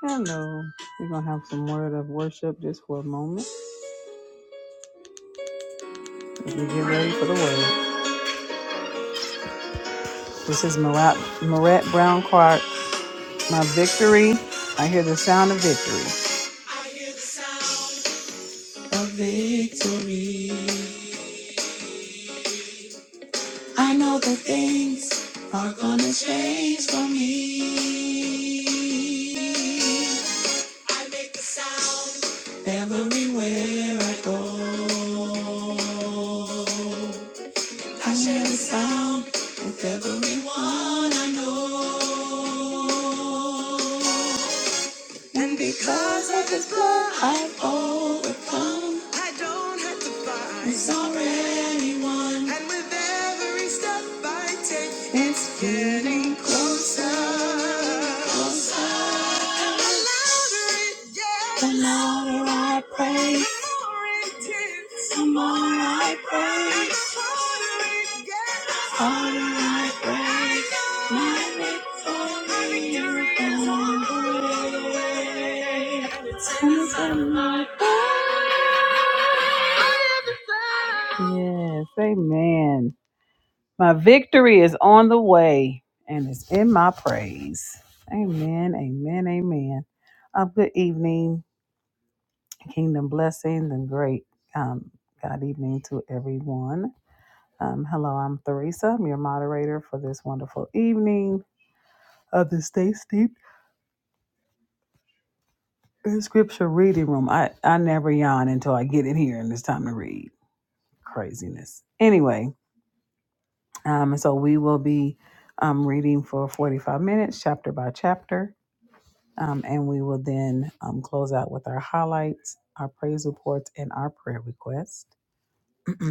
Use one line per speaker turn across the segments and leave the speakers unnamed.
Hello. We're going to have some word of worship just for a moment as we get ready for the word. This is Marat, Marat Brown Clark. My victory. I hear the sound of victory. I know that things are going to change for me. I make the sound everywhere I go. I share the sound with everyone I know. Because of what I've overcome, I don't have to fight. It's already won. And with every step I take, it's getting closer. Closer. And the louder it gets, the louder I pray. The more it takes. Come on, I praise. All my praise. My victory is on the way. Come on, my praise. Yes, amen. My victory is on the way and it's in my praise. Amen, amen, amen. Uh, good evening. Kingdom blessings and great um, God evening to everyone. Um, hello, I'm Theresa. I'm your moderator for this wonderful evening of the Stay Steep in Scripture Reading Room. I, I never yawn until I get in here and it's time to read. Craziness. Anyway, um, so we will be um, reading for 45 minutes, chapter by chapter, um, and we will then um, close out with our highlights, our praise reports, and our prayer requests.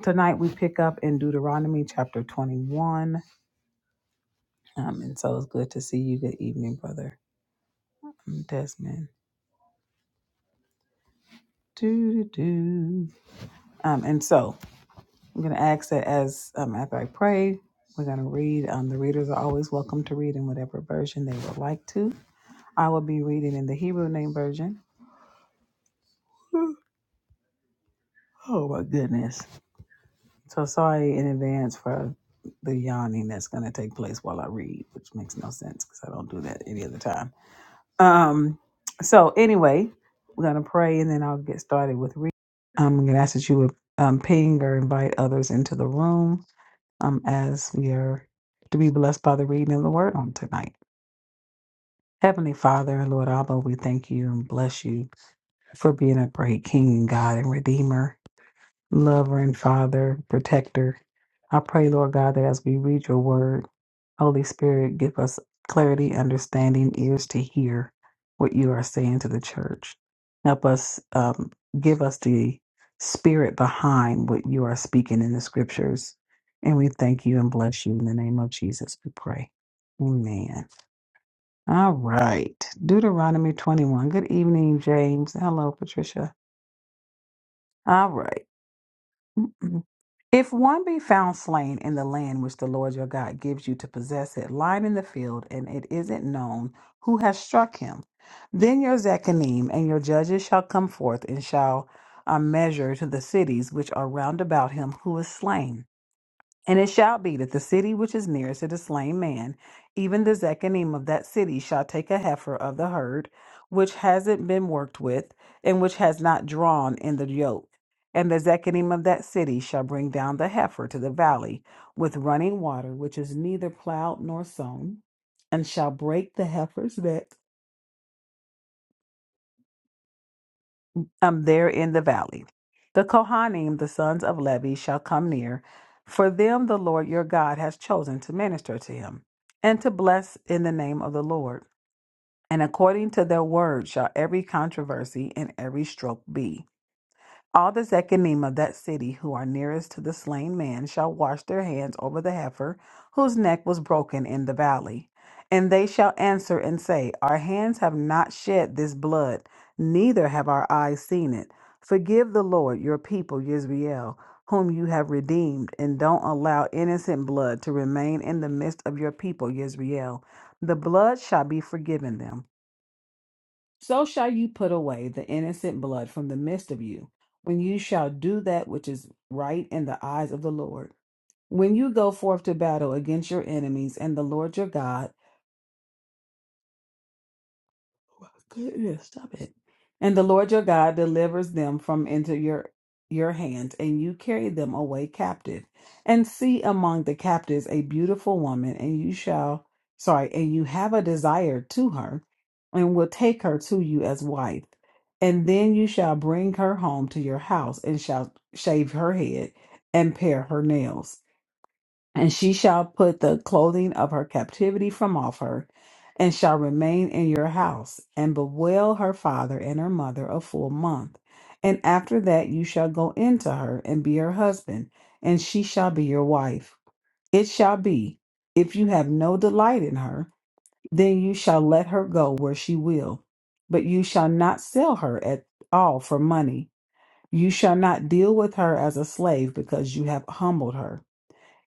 Tonight we pick up in Deuteronomy chapter 21. Um, and so it's good to see you. Good evening, brother um, Desmond. Do, do, do. Um, and so I'm going to ask that as um, after I pray, we're going to read. Um, the readers are always welcome to read in whatever version they would like to. I will be reading in the Hebrew name version. Oh my goodness. So sorry in advance for the yawning that's going to take place while I read, which makes no sense because I don't do that any other time. Um, so anyway, we're gonna pray and then I'll get started with reading. I'm gonna ask that you would um, ping or invite others into the room um, as we are to be blessed by the reading of the word on tonight. Heavenly Father and Lord Abba, we thank you and bless you for being a great King, God and Redeemer, lover and Father, protector. I pray, Lord God, that as we read your word, Holy Spirit, give us clarity, understanding, ears to hear what you are saying to the church. Help us, um, give us the spirit behind what you are speaking in the scriptures. And we thank you and bless you in the name of Jesus, we pray. Amen. All right. Deuteronomy 21. Good evening, James. Hello, Patricia. All right. If one be found slain in the land which the Lord your God gives you to possess it, lying in the field, and it isn't known who has struck him, then your Zechanim and your judges shall come forth and shall uh, measure to the cities which are round about him who is slain and it shall be that the city which is nearest to the slain man, even the Zechariah of that city, shall take a heifer of the herd, which hasn't been worked with, and which has not drawn in the yoke. And the Zechariah of that city shall bring down the heifer to the valley with running water, which is neither plowed nor sown, and shall break the heifer's neck um, there in the valley. The Kohanim, the sons of Levi, shall come near, for them the Lord your God has chosen to minister to him, and to bless in the name of the Lord. And according to their word shall every controversy and every stroke be. All the Zechanim of that city who are nearest to the slain man shall wash their hands over the heifer whose neck was broken in the valley. And they shall answer and say, Our hands have not shed this blood, neither have our eyes seen it. Forgive the Lord your people, Yisrael, whom you have redeemed, and don't allow innocent blood to remain in the midst of your people, Yisrael. The blood shall be forgiven them. So shall you put away the innocent blood from the midst of you, when you shall do that which is right in the eyes of the Lord. When you go forth to battle against your enemies and the Lord your God, Goodness, stop it. And the Lord your God delivers them from into your your hands, and you carry them away captive, and see among the captives a beautiful woman, and you shall sorry, and you have a desire to her, and will take her to you as wife, and then you shall bring her home to your house, and shall shave her head and pare her nails and she shall put the clothing of her captivity from off her, and shall remain in your house, and bewail her father and her mother a full month. And after that you shall go into her, and be her husband, and she shall be your wife. It shall be, if you have no delight in her, then you shall let her go where she will. But you shall not sell her at all for money. You shall not deal with her as a slave, because you have humbled her.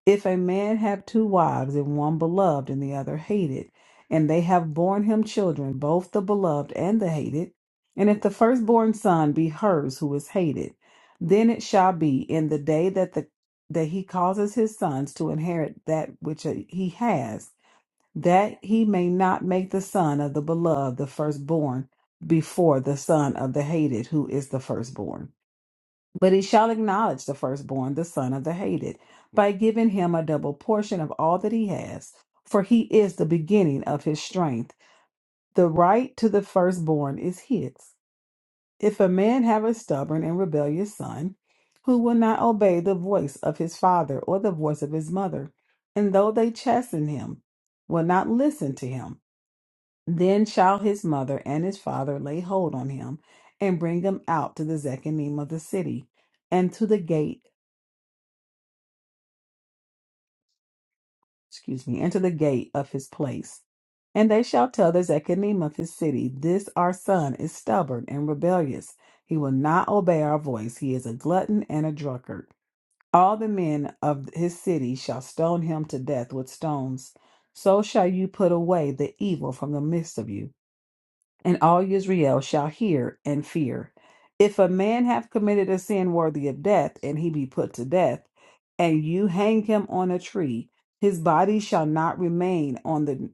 If a man have two wives, and one beloved and the other hated, and they have borne him children, both the beloved and the hated, and if the firstborn son be hers who is hated, then it shall be in the day that the that he causes his sons to inherit that which uh, he has, that he may not make the son of the beloved the firstborn before the son of the hated, who is the firstborn. But he shall acknowledge the firstborn, the son of the hated, by giving him a double portion of all that he has, for he is the beginning of his strength. The right to the firstborn is his. If a man have a stubborn and rebellious son, who will not obey the voice of his father or the voice of his mother, and though they chasten him, will not listen to him, then shall his mother and his father lay hold on him, and bring him out to the zechanim of the city, and to the gate excuse me, into the gate of his place. And they shall tell the Zechanim of his city, This our son is stubborn and rebellious. He will not obey our voice. He is a glutton and a drunkard. All the men of his city shall stone him to death with stones. So shall you put away the evil from the midst of you and all Israel shall hear and fear. If a man have committed a sin worthy of death, and he be put to death, and you hang him on a tree, his body shall not remain on the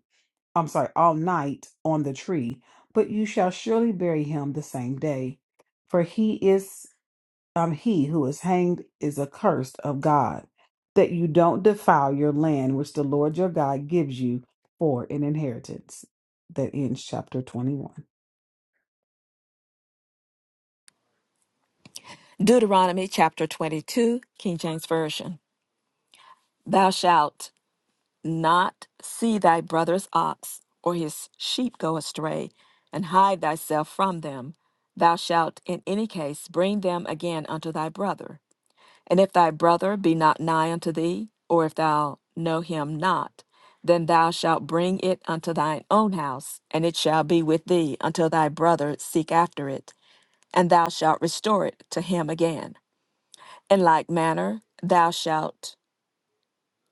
I'm sorry, all night on the tree, but you shall surely bury him the same day. For he is um, he who is hanged is accursed of God, that you don't defile your land which the Lord your God gives you for an inheritance. That ends chapter 21.
Deuteronomy chapter 22, King James Version. Thou shalt not see thy brother's ox or his sheep go astray, and hide thyself from them. Thou shalt in any case bring them again unto thy brother. And if thy brother be not nigh unto thee, or if thou know him not, then thou shalt bring it unto thine own house, and it shall be with thee until thy brother seek after it, and thou shalt restore it to him again. In like manner, thou shalt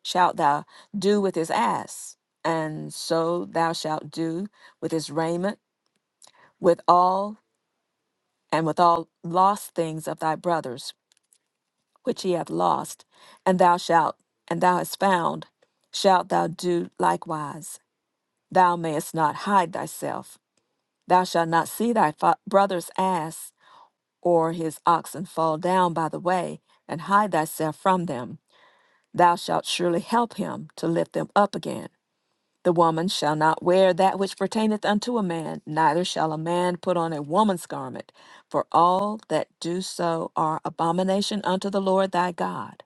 shalt thou do with his ass, and so thou shalt do with his raiment, with all and with all lost things of thy brothers, which he hath lost, and thou shalt and thou hast found, shalt thou do likewise. Thou mayest not hide thyself. Thou shalt not see thy fa- brother's ass or his oxen fall down by the way, and hide thyself from them. Thou shalt surely help him to lift them up again. The woman shall not wear that which pertaineth unto a man, neither shall a man put on a woman's garment, for all that do so are abomination unto the Lord thy God.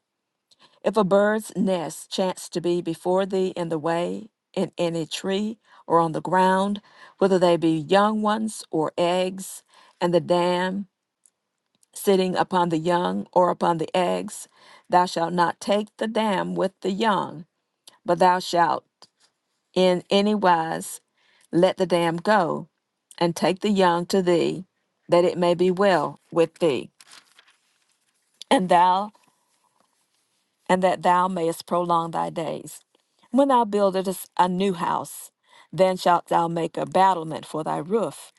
If a bird's nest chance to be before thee in the way, in any tree, or on the ground, whether they be young ones or eggs, and the dam sitting upon the young or upon the eggs, thou shalt not take the dam with the young but thou shalt in any wise let the dam go, and take the young to thee, that it may be well with thee, and thou and that thou mayest prolong thy days. When thou buildest a new house, then shalt thou make a battlement for thy roof,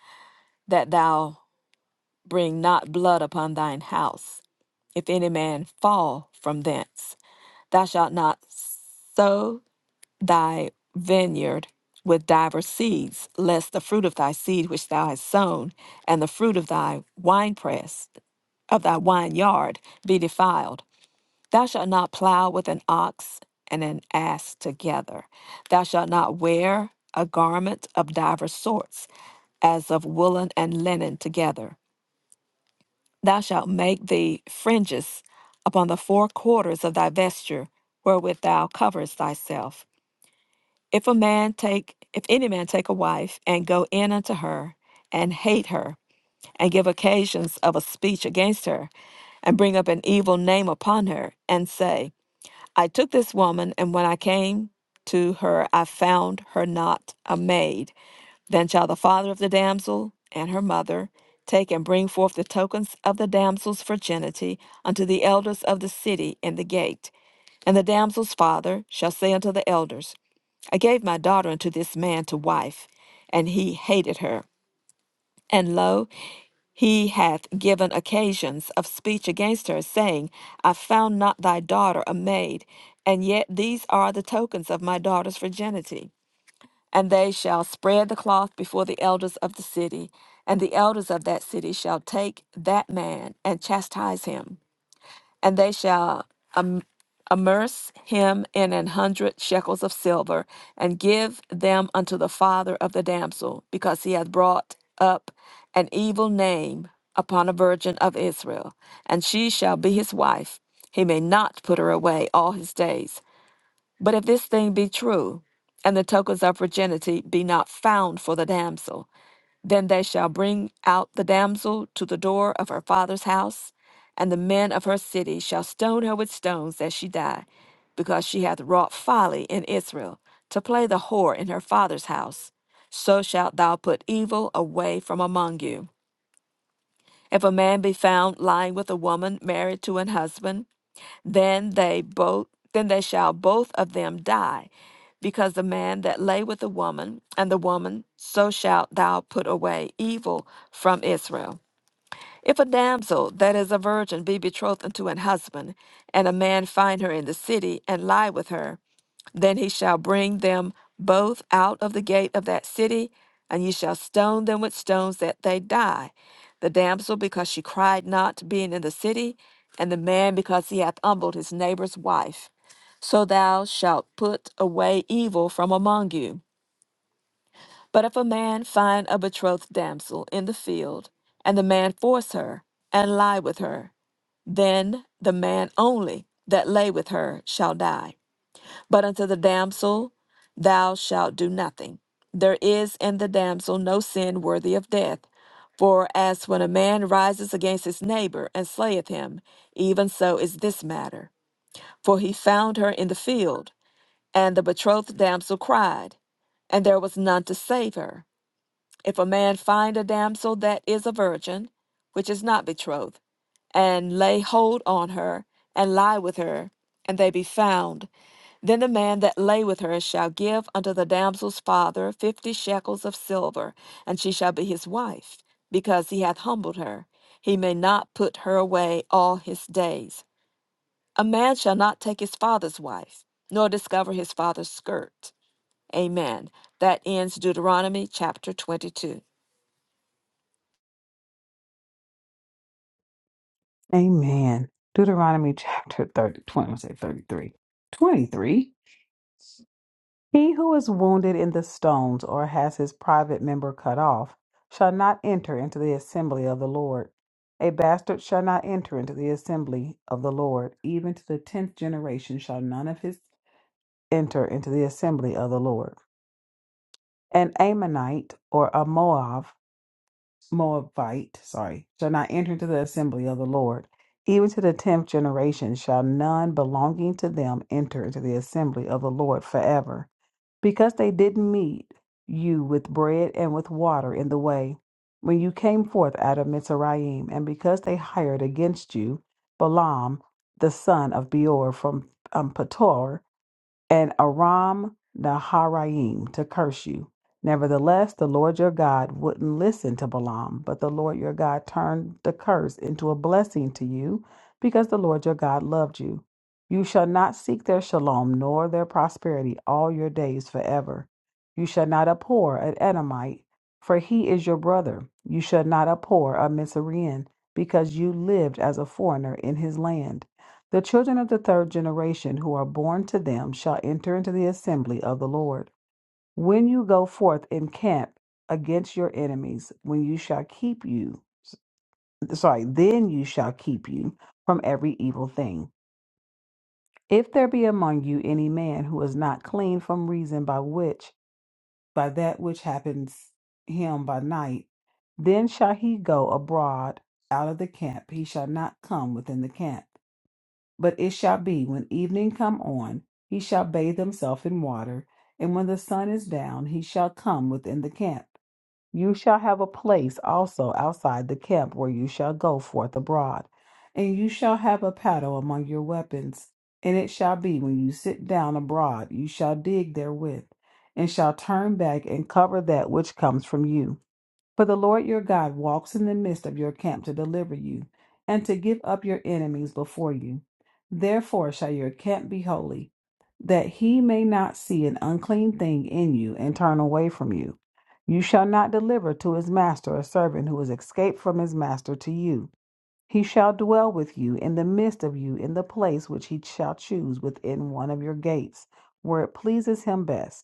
that thou bring not blood upon thine house. If any man fall from thence, thou shalt not sow thy vineyard with divers seeds, lest the fruit of thy seed which thou hast sown, and the fruit of thy winepress, of thy wineyard be defiled. Thou shalt not plow with an ox and an ass together. Thou shalt not wear a garment of divers sorts, as of woolen and linen together. Thou shalt make thee fringes upon the four quarters of thy vesture, wherewith thou coverest thyself if a man take, if any man take a wife and go in unto her and hate her and give occasions of a speech against her and bring up an evil name upon her and say, I took this woman and when I came to her, I found her not a maid. Then shall the father of the damsel and her mother take and bring forth the tokens of the damsel's virginity unto the elders of the city in the gate. And the damsel's father shall say unto the elders, I gave my daughter unto this man to wife, and he hated her. And lo, he hath given occasions of speech against her, saying, I found not thy daughter a maid, and yet these are the tokens of my daughter's virginity. And they shall spread the cloth before the elders of the city, and the elders of that city shall take that man and chastise him and they shall im- immerse him in an hundred shekels of silver, and give them unto the father of the damsel, because he hath brought up an evil name upon a virgin of Israel, and she shall be his wife. He may not put her away all his days. But if this thing be true, and the tokens of virginity be not found for the damsel, then they shall bring out the damsel to the door of her father's house, and the men of her city shall stone her with stones that she die, because she hath wrought folly in Israel, to play the whore in her father's house. So shalt thou put evil away from among you. If a man be found lying with a woman married to an husband, then they both then they shall both of them die, because the man that lay with the woman, and the woman, so shalt thou put away evil from Israel. If a damsel that is a virgin be betrothed unto an husband, and a man find her in the city, and lie with her, then he shall bring them both out of the gate of that city, and ye shall stone them with stones that they die. The damsel, because she cried not, being in the city, and the man, because he hath humbled his neighbor's wife. So thou shalt put away evil from among you. But if a man find a betrothed damsel in the field, and the man force her, and lie with her, then the man only that lay with her shall die. But unto the damsel thou shalt do nothing. There is in the damsel no sin worthy of death. For as when a man rises against his neighbor and slayeth him, even so is this matter. For he found her in the field, and the betrothed damsel cried, and there was none to save her. If a man find a damsel that is a virgin, which is not betrothed, and lay hold on her, and lie with her, and they be found. Then the man that lay with her shall give unto the damsel's father fifty shekels of silver, and she shall be his wife, because he hath humbled her. He may not put her away all his days. A man shall not take his father's wife, nor discover his father's skirt. Amen. That ends Deuteronomy chapter 22.
Amen. Deuteronomy chapter 30, twenty, I'm gonna say 33. 23? He who is wounded in the stones or has his private member cut off shall not enter into the assembly of the Lord. A bastard shall not enter into the assembly of the Lord. Even to the tenth generation shall none of his enter into the assembly of the Lord. An Ammonite or a Moab, Moabite, sorry, shall not enter into the assembly of the Lord. Even to the tenth generation shall none belonging to them enter into the assembly of the Lord forever because they didn't meet you with bread and with water in the way, when you came forth out of Mizraim, and because they hired against you Balaam the son of Beor from um, Petor, and Aram Naharaim to curse you. Nevertheless, the Lord your God wouldn't listen to Balaam, but the Lord your God turned the curse into a blessing to you because the Lord your God loved you. You shall not seek their shalom nor their prosperity all your days forever. You shall not abhor an Edomite, for he is your brother. You shall not abhor a Mitzrayim, because you lived as a foreigner in his land. The children of the third generation who are born to them shall enter into the assembly of the Lord. When you go forth in camp against your enemies, when you shall keep you, sorry, then you shall keep you from every evil thing. If there be among you any man who is not clean from reason by which, by that which happens him by night, then shall he go abroad out of the camp. He shall not come within the camp. But it shall be when evening come on, he shall bathe himself in water, and when the sun is down, he shall come within the camp. You shall have a place also outside the camp where you shall go forth abroad, and you shall have a paddle among your weapons. And it shall be when you sit down abroad, you shall dig therewith, and shall turn back and cover that which comes from you. For the Lord your God walks in the midst of your camp to deliver you, and to give up your enemies before you. Therefore shall your camp be holy, that he may not see an unclean thing in you and turn away from you. You shall not deliver to his master a servant who is escaped from his master to you. He shall dwell with you in the midst of you in the place which he shall choose within one of your gates, where it pleases him best.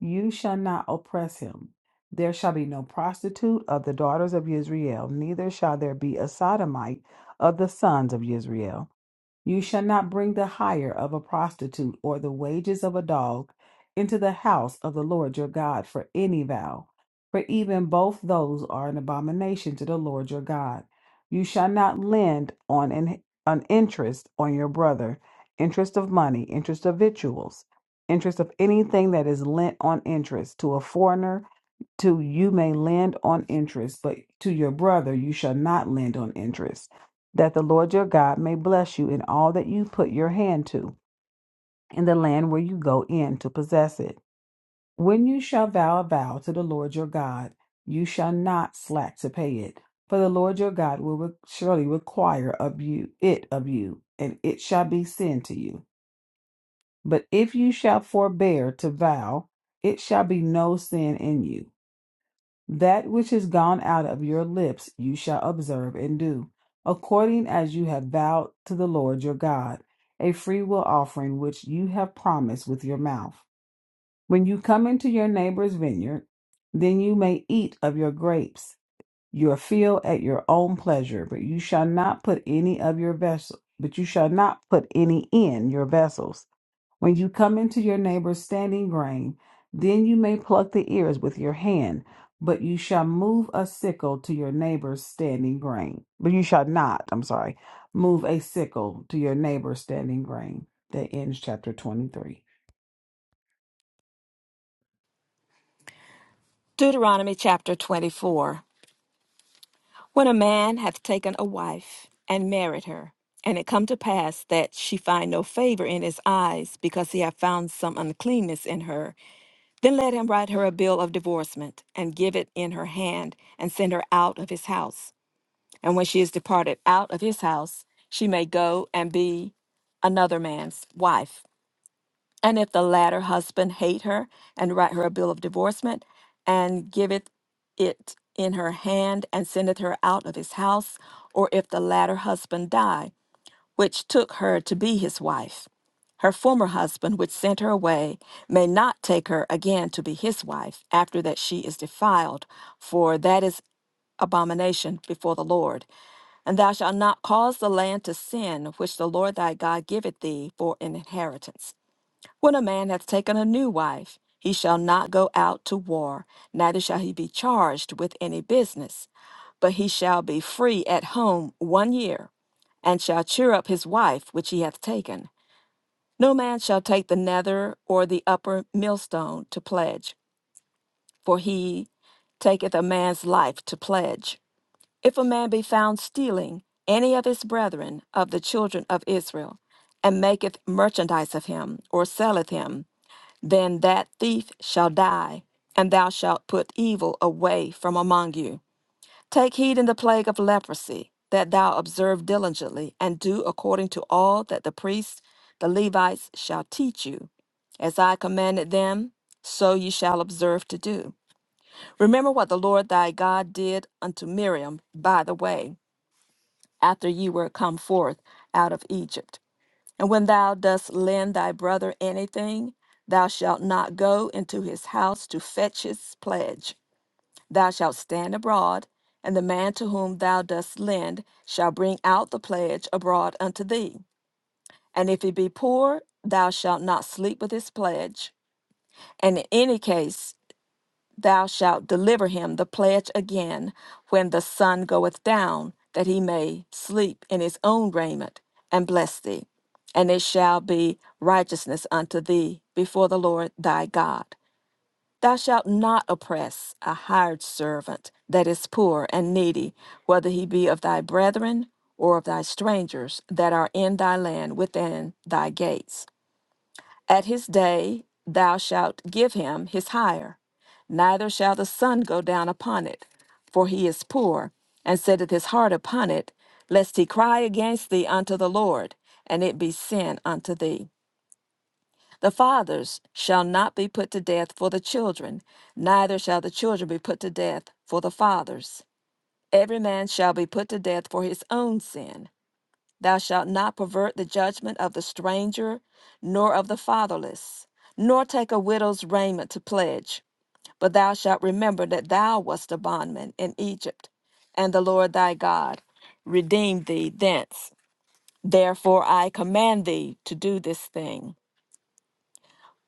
You shall not oppress him. There shall be no prostitute of the daughters of Israel, neither shall there be a sodomite of the sons of Israel. You shall not bring the hire of a prostitute or the wages of a dog into the house of the Lord your God for any vow, for even both those are an abomination to the Lord your God. You shall not lend on an, an interest on your brother, interest of money, interest of victuals, interest of anything that is lent on interest to a foreigner to you may lend on interest, but to your brother you shall not lend on interest, that the Lord your God may bless you in all that you put your hand to, in the land where you go in to possess it. When you shall vow a vow to the Lord your God, you shall not slack to pay it, for the Lord your God will re- surely require of you it of you, and it shall be sin to you. But if you shall forbear to vow, it shall be no sin in you That which is gone out of your lips you shall observe and do, according as you have vowed to the Lord your God, a freewill offering which you have promised with your mouth. When you come into your neighbor's vineyard, then you may eat of your grapes, your field at your own pleasure, but you shall not put any of your vessel, but you shall not put any in your vessels. When you come into your neighbor's standing grain, then you may pluck the ears with your hand, but you shall move a sickle to your neighbor's standing grain. But you shall not, I'm sorry, move a sickle to your neighbor's standing grain. That ends chapter 23.
Deuteronomy chapter 24. When a man hath taken a wife and married her, and it come to pass that she find no favor in his eyes because he hath found some uncleanness in her, then let him write her a bill of divorcement and give it in her hand and send her out of his house. And when she is departed out of his house, she may go and be another man's wife. And if the latter husband hate her, and write her a bill of divorcement, and giveth it in her hand, and sendeth her out of his house, or if the latter husband die, which took her to be his wife, her former husband, which sent her away, may not take her again to be his wife after that she is defiled, for that is abomination before the Lord. And thou shalt not cause the land to sin, which the Lord thy God giveth thee for an inheritance. When a man hath taken a new wife, he shall not go out to war, neither shall he be charged with any business, but he shall be free at home one year, and shall cheer up his wife which he hath taken. No man shall take the nether or the upper millstone to pledge, for he taketh a man's life to pledge. If a man be found stealing any of his brethren of the children of Israel, and maketh merchandise of him, or selleth him, then that thief shall die, and thou shalt put evil away from among you. Take heed in the plague of leprosy, that thou observe diligently, and do according to all that the priests, the Levites, shall teach you. As I commanded them, so ye shall observe to do. Remember what the Lord thy God did unto Miriam by the way, after ye were come forth out of Egypt and when thou dost lend thy brother anything, thou shalt not go into his house to fetch his pledge. Thou shalt stand abroad, and the man to whom thou dost lend shall bring out the pledge abroad unto thee. And if he be poor, thou shalt not sleep with his pledge. And in any case, Thou shalt deliver him the pledge again when the sun goeth down, that he may sleep in his own raiment and bless thee. And it shall be righteousness unto thee before the Lord thy God. Thou shalt not oppress a hired servant that is poor and needy, whether he be of thy brethren or of thy strangers that are in thy land within thy gates. At his day thou shalt give him his hire, neither shall the sun go down upon it, for he is poor, and setteth his heart upon it, lest he cry against thee unto the Lord, and it be sin unto thee. The fathers shall not be put to death for the children, neither shall the children be put to death for the fathers. Every man shall be put to death for his own sin. Thou shalt not pervert the judgment of the stranger, nor of the fatherless, nor take a widow's raiment to pledge. But thou shalt remember that thou wast a bondman in Egypt, and the Lord thy God redeemed thee thence. Therefore I command thee to do this thing.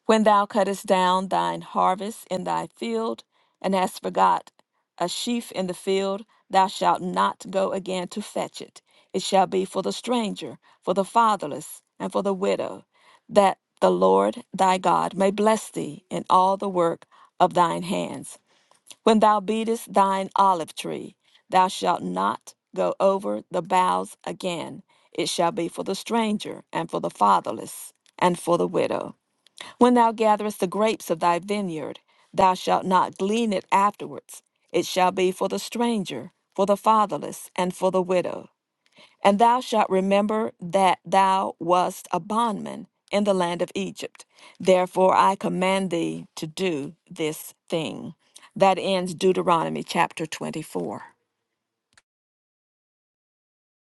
When thou cuttest down thine harvest in thy field, and hast forgot a sheaf in the field, thou shalt not go again to fetch it. It shall be for the stranger, for the fatherless, and for the widow, that the Lord thy God may bless thee in all the work of thine hands. When thou beatest thine olive tree, thou shalt not go over the boughs again. It shall be for the stranger, and for the fatherless, and for the widow. When thou gatherest the grapes of thy vineyard, thou shalt not glean it afterwards. It shall be for the stranger, for the fatherless, and for the widow. And thou shalt remember that thou wast a bondman in the land of Egypt. Therefore I command thee to do this thing. That ends Deuteronomy chapter 24.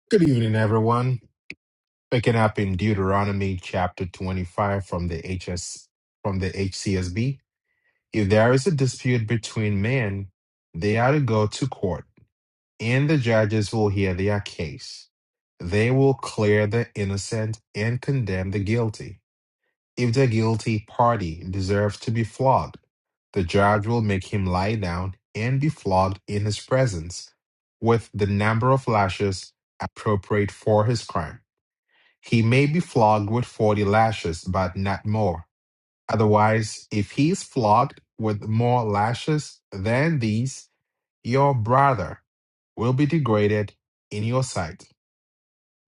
Good evening, everyone. Picking up in Deuteronomy chapter 25 from the HS from the HCSB. If there is a dispute between men, they are to go to court, and the judges will hear their case. They will clear the innocent and condemn the guilty. If the guilty party deserves to be flogged, the judge will make him lie down and be flogged in his presence with the number of lashes appropriate for his crime he may be flogged with 40 lashes, but not more. Otherwise, if he is flogged with more lashes than these, your brother will be degraded in your sight.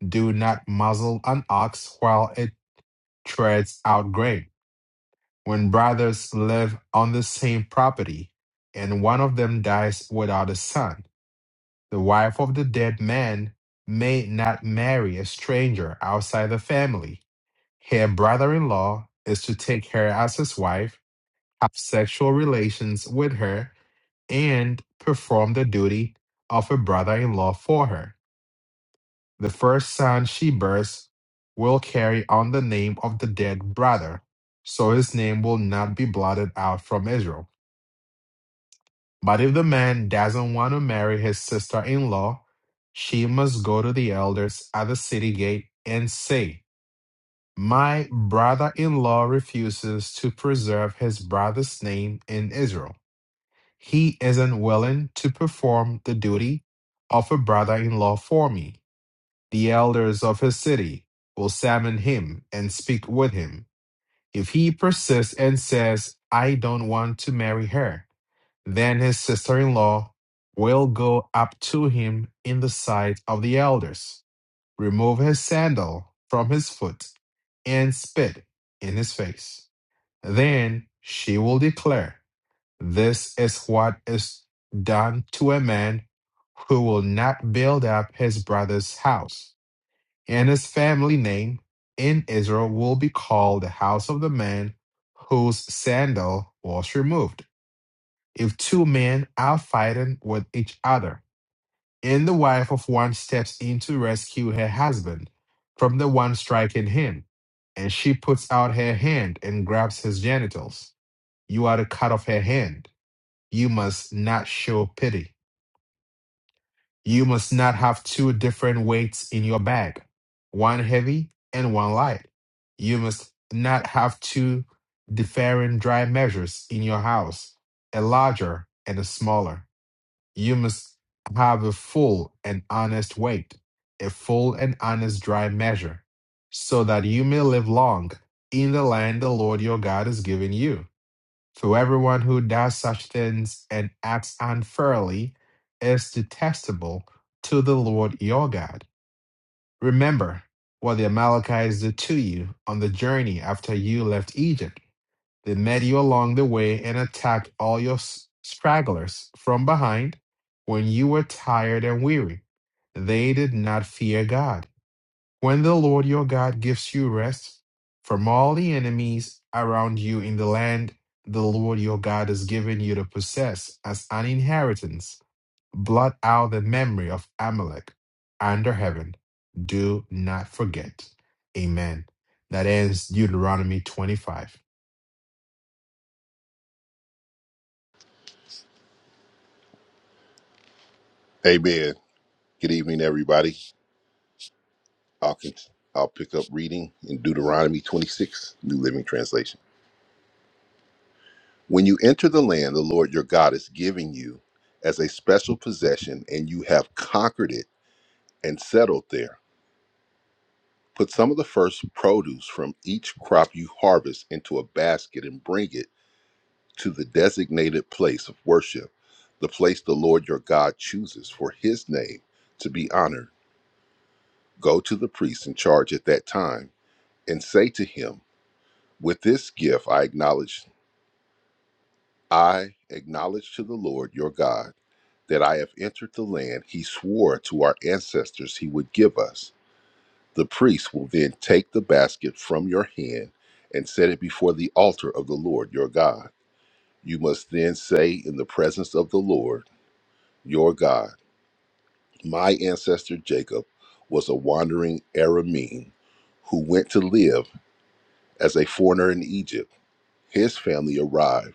Do not muzzle an ox while it treads out grain. When brothers live on the same property, and one of them dies without a son, the wife of the dead man may not marry a stranger outside the family Her brother in law is to take her as his wife, have sexual relations with her, and perform the duty of a brother in law for her. The first son she bears will carry on the name of the dead brother, so his name will not be blotted out from Israel. But if the man doesn't want to marry his sister in law, she must go to the elders at the city gate and say, My brother in law refuses to preserve his brother's name in Israel. He isn't willing to perform the duty of a brother in law for me. The elders of his city will summon him and speak with him. If he persists and says, I don't want to marry her, then his sister in law will go up to him in the sight of the elders remove his sandal from his foot, and spit in his face. Then she will declare, This is what is done to a man who will not build up his brother's house. And his family name in Israel will be called the house of the man whose sandal was removed. If two men are fighting with each other, and the wife of one steps in to rescue her husband from the one striking him, and she puts out her hand and grabs his genitals. You are to cut off her hand. You must not show pity. You must not have two different weights in your bag, one heavy and one light. You must not have two differing dry measures in your house, a larger and a smaller. You must have a full and honest weight, a full and honest dry measure, so that you may live long in the land the Lord your God has given you. For everyone who does such things and acts unfairly is detestable to the Lord your God. Remember what the Amalekites did to you on the journey after you left Egypt they met you along the way and attacked all your s- stragglers from behind when you were tired and weary. They did not fear God. When the Lord your God gives you rest from all the enemies around you in the land the Lord your God has given you to possess as an inheritance, blot out the memory of Amalek under heaven. Do not forget. Amen. That ends Deuteronomy 25.
Amen. Good evening, everybody. I'll, con- I'll pick up reading in Deuteronomy 26, New Living Translation. When you enter the land the Lord your God is giving you as a special possession, and you have conquered it and settled there, put some of the first produce from each crop you harvest into a basket and bring it to the designated place of worship, the place the Lord your God chooses for his name to be honored. Go to the priest in charge at that time and say to him, With this gift I acknowledge I acknowledge to the Lord your God that I have entered the land he swore to our ancestors he would give us. The priest will then take the basket from your hand and set it before the altar of the Lord your God. You must then say in the presence of the Lord your God, my ancestor Jacob was a wandering Aramean who went to live as a foreigner in Egypt. His family arrived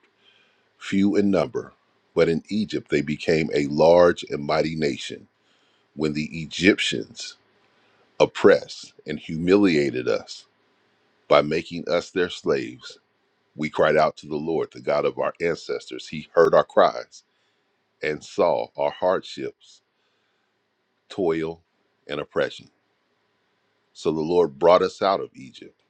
few in number, but in Egypt they became a large and mighty nation. When the Egyptians oppressed and humiliated us by making us their slaves, we cried out to the Lord, the God of our ancestors. He heard our cries and saw our hardships, toil, and oppression. So the Lord brought us out of Egypt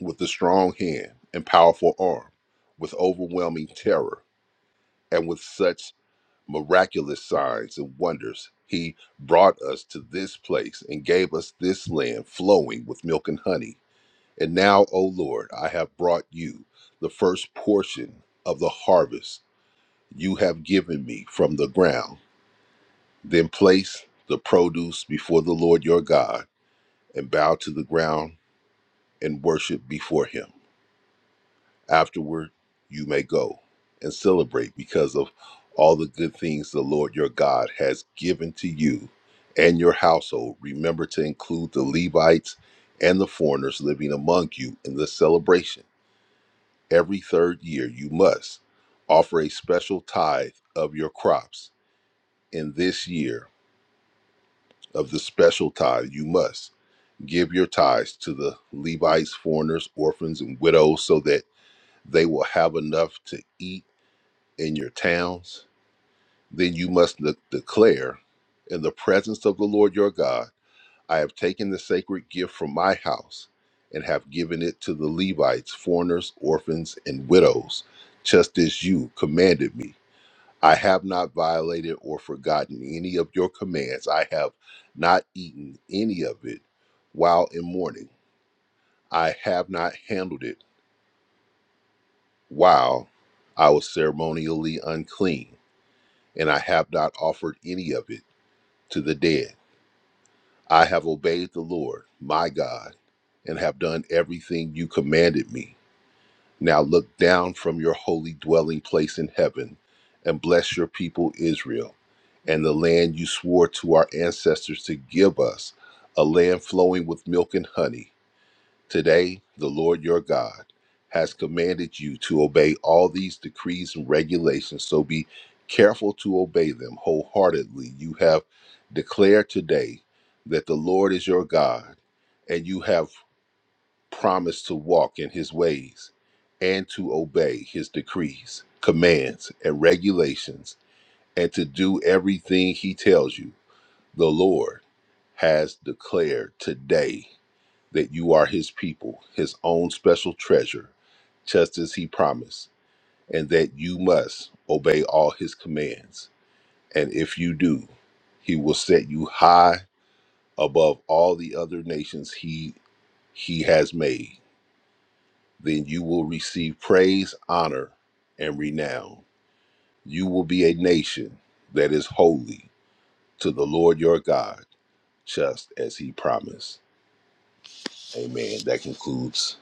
with a strong hand and powerful arm, with overwhelming terror, and with such miraculous signs and wonders. He brought us to this place and gave us this land flowing with milk and honey. And now, O Lord, I have brought you the first portion of the harvest you have given me from the ground. Then place the produce before the Lord your God and bow to the ground and worship before him. Afterward, you may go and celebrate because of all the good things the Lord your God has given to you and your household. Remember to include the Levites and the foreigners living among you in the celebration. Every third year, you must offer a special tithe of your crops. In this year of the special tithe, you must give your tithes to the Levites, foreigners, orphans, and widows so that they will have enough to eat in your towns, then you must de- declare in the presence of the Lord your God, I have taken the sacred gift from my house and have given it to the Levites, foreigners, orphans, and widows, just as you commanded me. I have not violated or forgotten any of your commands. I have not eaten any of it while in mourning. I have not handled it while I was ceremonially unclean, and I have not offered any of it to the dead. I have obeyed the Lord, my God, and have done everything you commanded me. Now look down from your holy dwelling place in heaven and bless your people Israel and the land you swore to our ancestors to give us, a land flowing with milk and honey. Today, the Lord your God has commanded you to obey all these decrees and regulations, so be careful to obey them wholeheartedly. You have declared today that the Lord is your God, and you have promised to walk in his ways and to obey his decrees, commands, and regulations, and to do everything he tells you. The Lord has declared today that you are his people, his own special treasure, just as he promised, and that you must obey all his commands. And if you do, he will set you high above all the other nations he he has made. Then you will receive praise, honor, and renown. You will be a nation that is holy to the Lord your God, just as he promised. Amen. That concludes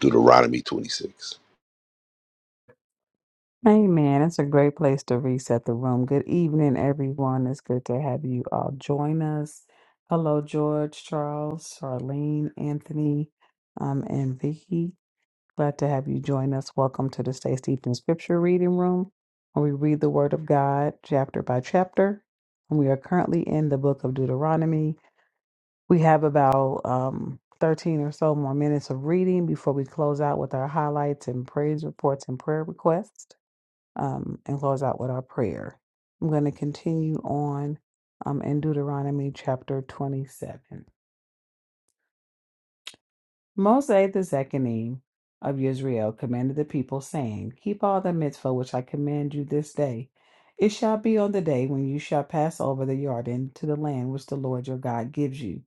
Deuteronomy 26.
Amen. It's a great place to reset the room. Good evening, everyone. It's good to have you all join us. Hello, George, Charles, Charlene, Anthony, um, and Vicky. Glad to have you join us. Welcome to the Stay Steeped in Scripture Reading Room, where we read the Word of God chapter by chapter. And we are currently in the book of Deuteronomy. We have about um, 13 or so more minutes of reading before we close out with our highlights and praise reports and prayer requests um, and close out with our prayer. I'm going to continue on um, in Deuteronomy chapter 27. Mose the Zechanim of Israel commanded the people, saying, Keep all the mitzvah which I command you this day. It shall be on the day when you shall pass over the Jordan to the land which the Lord your God gives you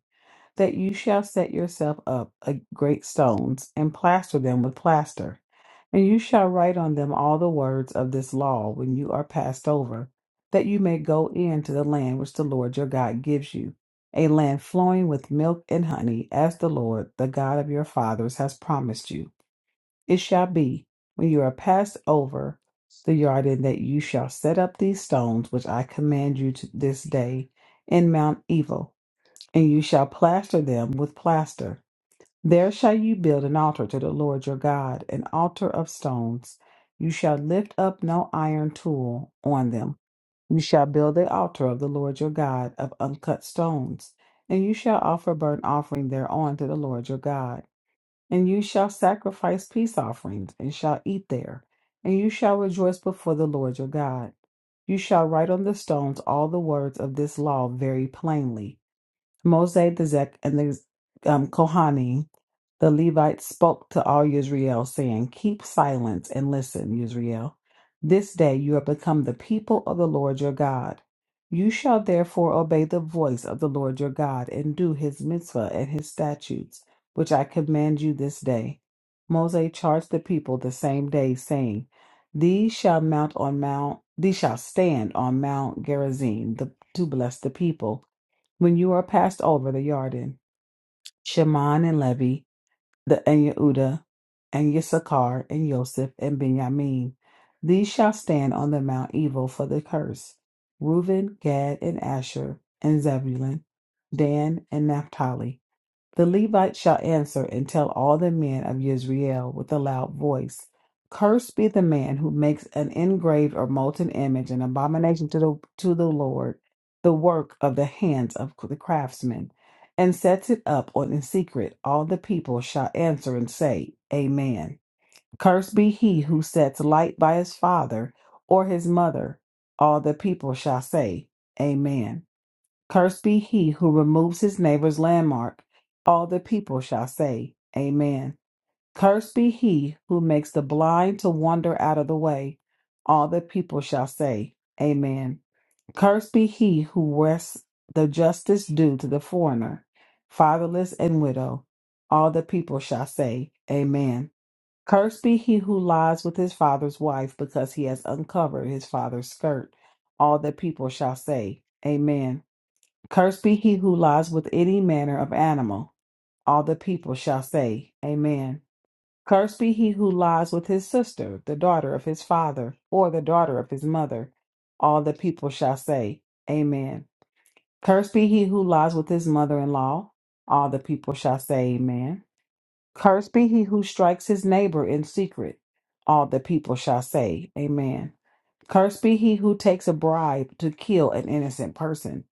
that you shall set yourself up a great stones and plaster them with plaster. And you shall write on them all the words of this law when you are passed over, that you may go in to the land which the Lord your God gives you, a land flowing with milk and honey, as the Lord, the God of your fathers, has promised you. It shall be, when you are passed over the Jordan, that you shall set up these stones which I command you to this day in Mount Evil and you shall plaster them with plaster. There shall you build an altar to the Lord your God, an altar of stones. You shall lift up no iron tool on them. You shall build the altar of the Lord your God of uncut stones, and you shall offer burnt offering thereon to the Lord your God. And you shall sacrifice peace offerings, and shall eat there, and you shall rejoice before the Lord your God. You shall write on the stones all the words of this law very plainly. Mose, the Zek, and the um, Kohani, the Levites, spoke to all Israel, saying, Keep silence and listen, Israel. This day you are become the people of the Lord your God. You shall therefore obey the voice of the Lord your God and do his mitzvah and his statutes, which I command you this day. Mose charged the people the same day, saying, These shall mount on Mount, these shall stand on Mount Gerizim the, to bless the people when you are passed over the Yarden, Shimon and Levi, the and Yehuda, and Issachar and Joseph and Benjamin, these shall stand on the Mount Evil for the curse. Reuben, Gad, and Asher, and Zebulun, Dan, and Naphtali. The Levite shall answer and tell all the men of Israel with a loud voice Cursed be the man who makes an engraved or molten image, an abomination to the, to the Lord, the work of the hands of the craftsman, and sets it up on in secret. All the people shall answer and say, Amen. Cursed be he who sets light by his father or his mother. All the people shall say, Amen. Cursed be he who removes his neighbor's landmark. All the people shall say, Amen. Cursed be he who makes the blind to wander out of the way. All the people shall say, Amen. Cursed be he who wrests the justice due to the foreigner, fatherless and widow. All the people shall say, Amen. Cursed be he who lies with his father's wife because he has uncovered his father's skirt. All the people shall say, Amen. Cursed be he who lies with any manner of animal. All the people shall say, Amen. Cursed be he who lies with his sister, the daughter of his father, or the daughter of his mother. All the people shall say, Amen. Cursed be he who lies with his mother in law. All the people shall say, Amen. Cursed be he who strikes his neighbor in secret. All the people shall say, Amen. Cursed be he who takes a bribe to kill an innocent person.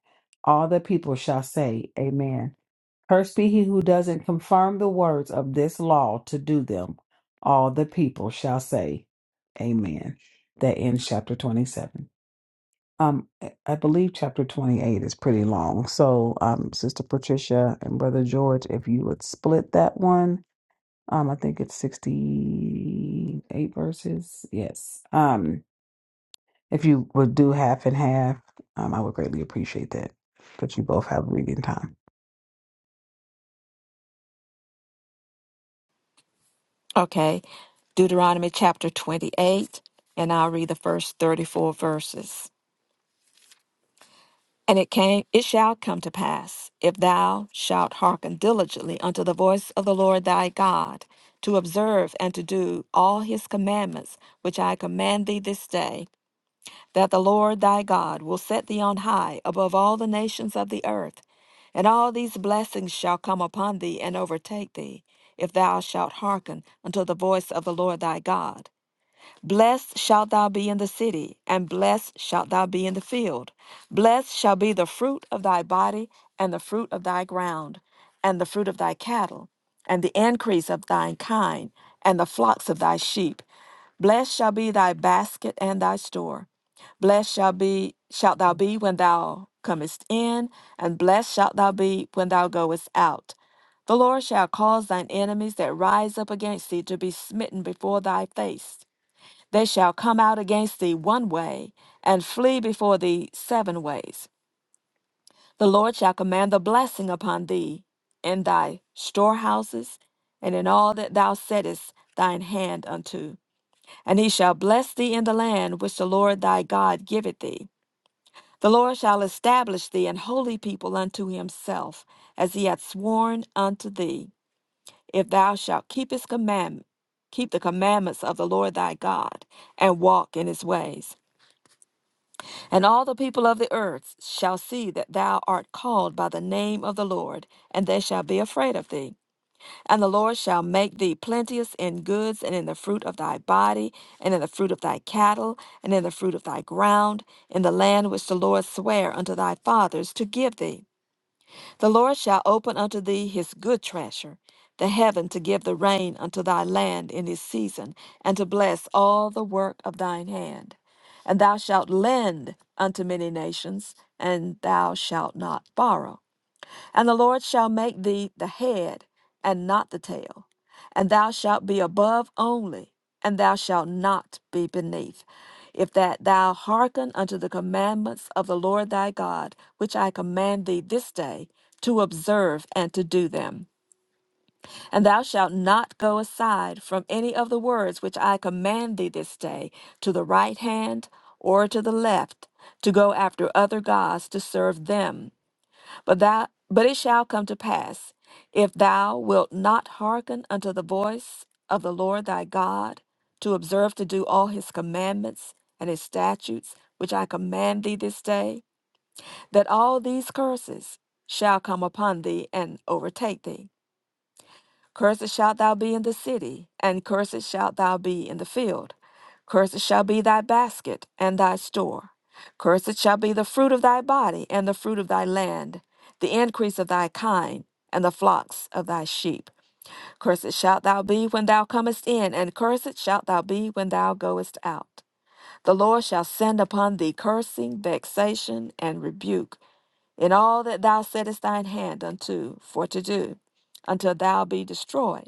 All the people shall say, Amen. Cursed be he who doesn't confirm the words of this law to do them. All the people shall say, Amen. That ends chapter 27. Um, I I believe chapter 28 is pretty long. So, um, Sister Patricia and Brother George, if you would split that one, um, I think it's 68 verses. Yes. Um. If you would do half and half, um, I would greatly appreciate that. But you both have reading time.
Okay, Deuteronomy chapter 28, and I'll read the first 34 verses. And it came, it shall come to pass, if thou shalt hearken diligently unto the voice of the Lord thy God, to observe and to do all his commandments which I command thee this day, that the Lord thy God will set thee on high above all the nations of the earth. And all these blessings shall come upon thee and overtake thee, if thou shalt hearken unto the voice of the Lord thy God. Blessed shalt thou be in the city, and blessed shalt thou be in the field. Blessed shall be the fruit of thy body, and the fruit of thy ground, and the fruit of thy cattle, and the increase of thine kind, and the flocks of thy sheep. Blessed shall be thy basket and thy store. Blessed shall be shalt thou be when thou comest in, and blessed shalt thou be when thou goest out. The Lord shall cause thine enemies that rise up against thee to be smitten before thy face. They shall come out against thee one way, and flee before thee seven ways. The Lord shall command the blessing upon thee in thy storehouses, and in all that thou settest thine hand unto. And he shall bless thee in the land which the Lord thy God giveth thee. The Lord shall establish thee an holy people unto himself, as he hath sworn unto thee, if thou shalt keep his commandment, keep the commandments of the Lord thy God, and walk in his ways. And all the people of the earth shall see that thou art called by the name of the Lord, and they shall be afraid of thee. And the Lord shall make thee plenteous in goods, and in the fruit of thy body, and in the fruit of thy cattle, and in the fruit of thy ground, in the land which the Lord sware unto thy fathers to give thee. The Lord shall open unto thee his good treasure, the heaven to give the rain unto thy land in his season, and to bless all the work of thine hand. And thou shalt lend unto many nations, and thou shalt not borrow and the Lord shall make thee the head and not the tail, and thou shalt be above only, and thou shalt not be beneath. If that thou hearken unto the commandments of the Lord thy God, which I command thee this day, to observe and to do them. And thou shalt not go aside from any of the words which I command thee this day, to the right hand or to the left, to go after other gods to serve them but thou, but it shall come to pass, if thou wilt not hearken unto the voice of the Lord thy God, to observe to do all his commandments and his statutes, which I command thee this day, that all these curses shall come upon thee and overtake thee. Cursed shalt thou be in the city, and cursed shalt thou be in the field. Cursed shall be thy basket and thy store. Cursed shall be the fruit of thy body and the fruit of thy land, the increase of thy kind, and the flocks of thy sheep. Cursed shalt thou be when thou comest in, and cursed shalt thou be when thou goest out. The Lord shall send upon thee cursing, vexation, and rebuke in all that thou settest thine hand unto for to do, until thou be destroyed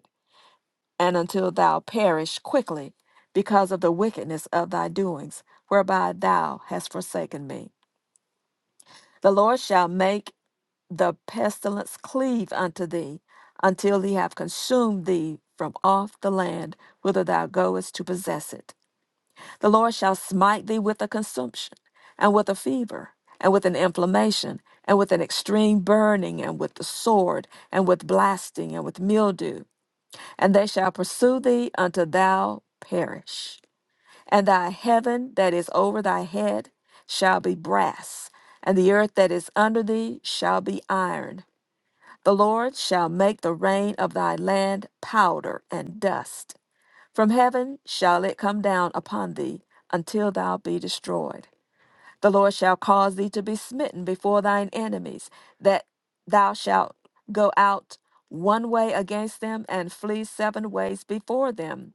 and until thou perish quickly because of the wickedness of thy doings, whereby thou hast forsaken me. The Lord shall make the pestilence cleave unto thee until he have consumed thee from off the land whither thou goest to possess it. The Lord shall smite thee with a consumption, and with a fever, and with an inflammation, and with an extreme burning, and with the sword, and with blasting, and with mildew and they shall pursue thee until thou perish. And thy heaven that is over thy head shall be brass, and the earth that is under thee shall be iron. The Lord shall make the rain of thy land powder and dust. From heaven shall it come down upon thee until thou be destroyed. The Lord shall cause thee to be smitten before thine enemies, that thou shalt go out one way against them and flee seven ways before them,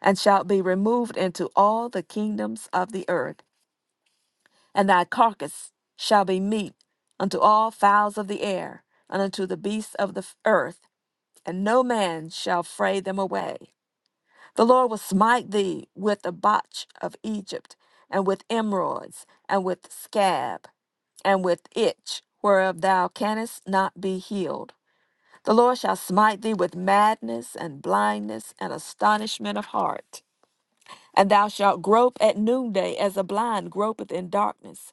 and shalt be removed into all the kingdoms of the earth. And thy carcass shall be meat unto all fowls of the air, and unto the beasts of the f- earth, and no man shall fray them away. The Lord will smite thee with the botch of Egypt, and with emerods, and with scab, and with itch, whereof thou canst not be healed. The Lord shall smite thee with madness, and blindness, and astonishment of heart. And thou shalt grope at noonday as a blind gropeth in darkness.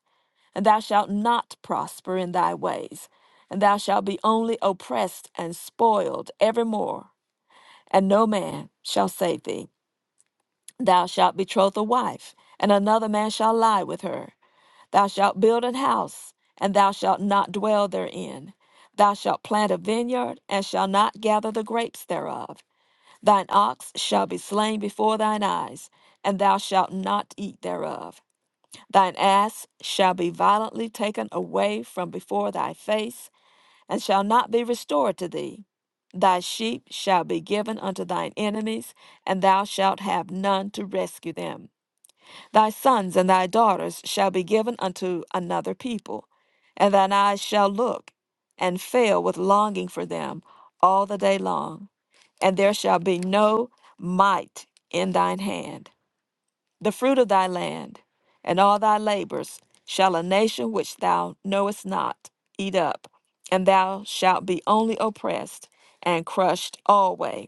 And thou shalt not prosper in thy ways, and thou shalt be only oppressed and spoiled evermore, and no man shall save thee. Thou shalt betroth a wife, and another man shall lie with her. Thou shalt build an house, and thou shalt not dwell therein. Thou shalt plant a vineyard, and shalt not gather the grapes thereof. Thine ox shall be slain before thine eyes, and thou shalt not eat thereof. Thine ass shall be violently taken away from before thy face, and shall not be restored to thee. Thy sheep shall be given unto thine enemies, and thou shalt have none to rescue them. Thy sons and thy daughters shall be given unto another people, and thine eyes shall look and fail with longing for them all the day long, and there shall be no might in thine hand. The fruit of thy land and all thy labors shall a nation which thou knowest not eat up, and thou shalt be only oppressed and crushed alway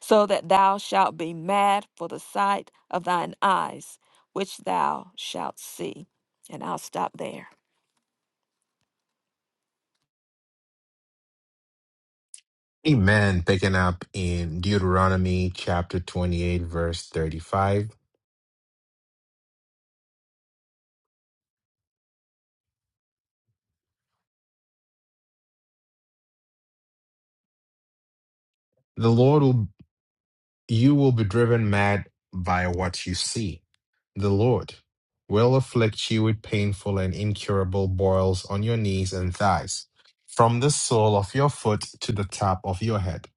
so that thou shalt be mad for the sight of thine eyes, which thou shalt see. And I'll stop there.
Amen. Picking up in Deuteronomy chapter 28, verse 35. The Lord will, you will be driven mad by what you see. The Lord will afflict you with painful and incurable boils on your knees and thighs, from the sole of your foot to the top of your head.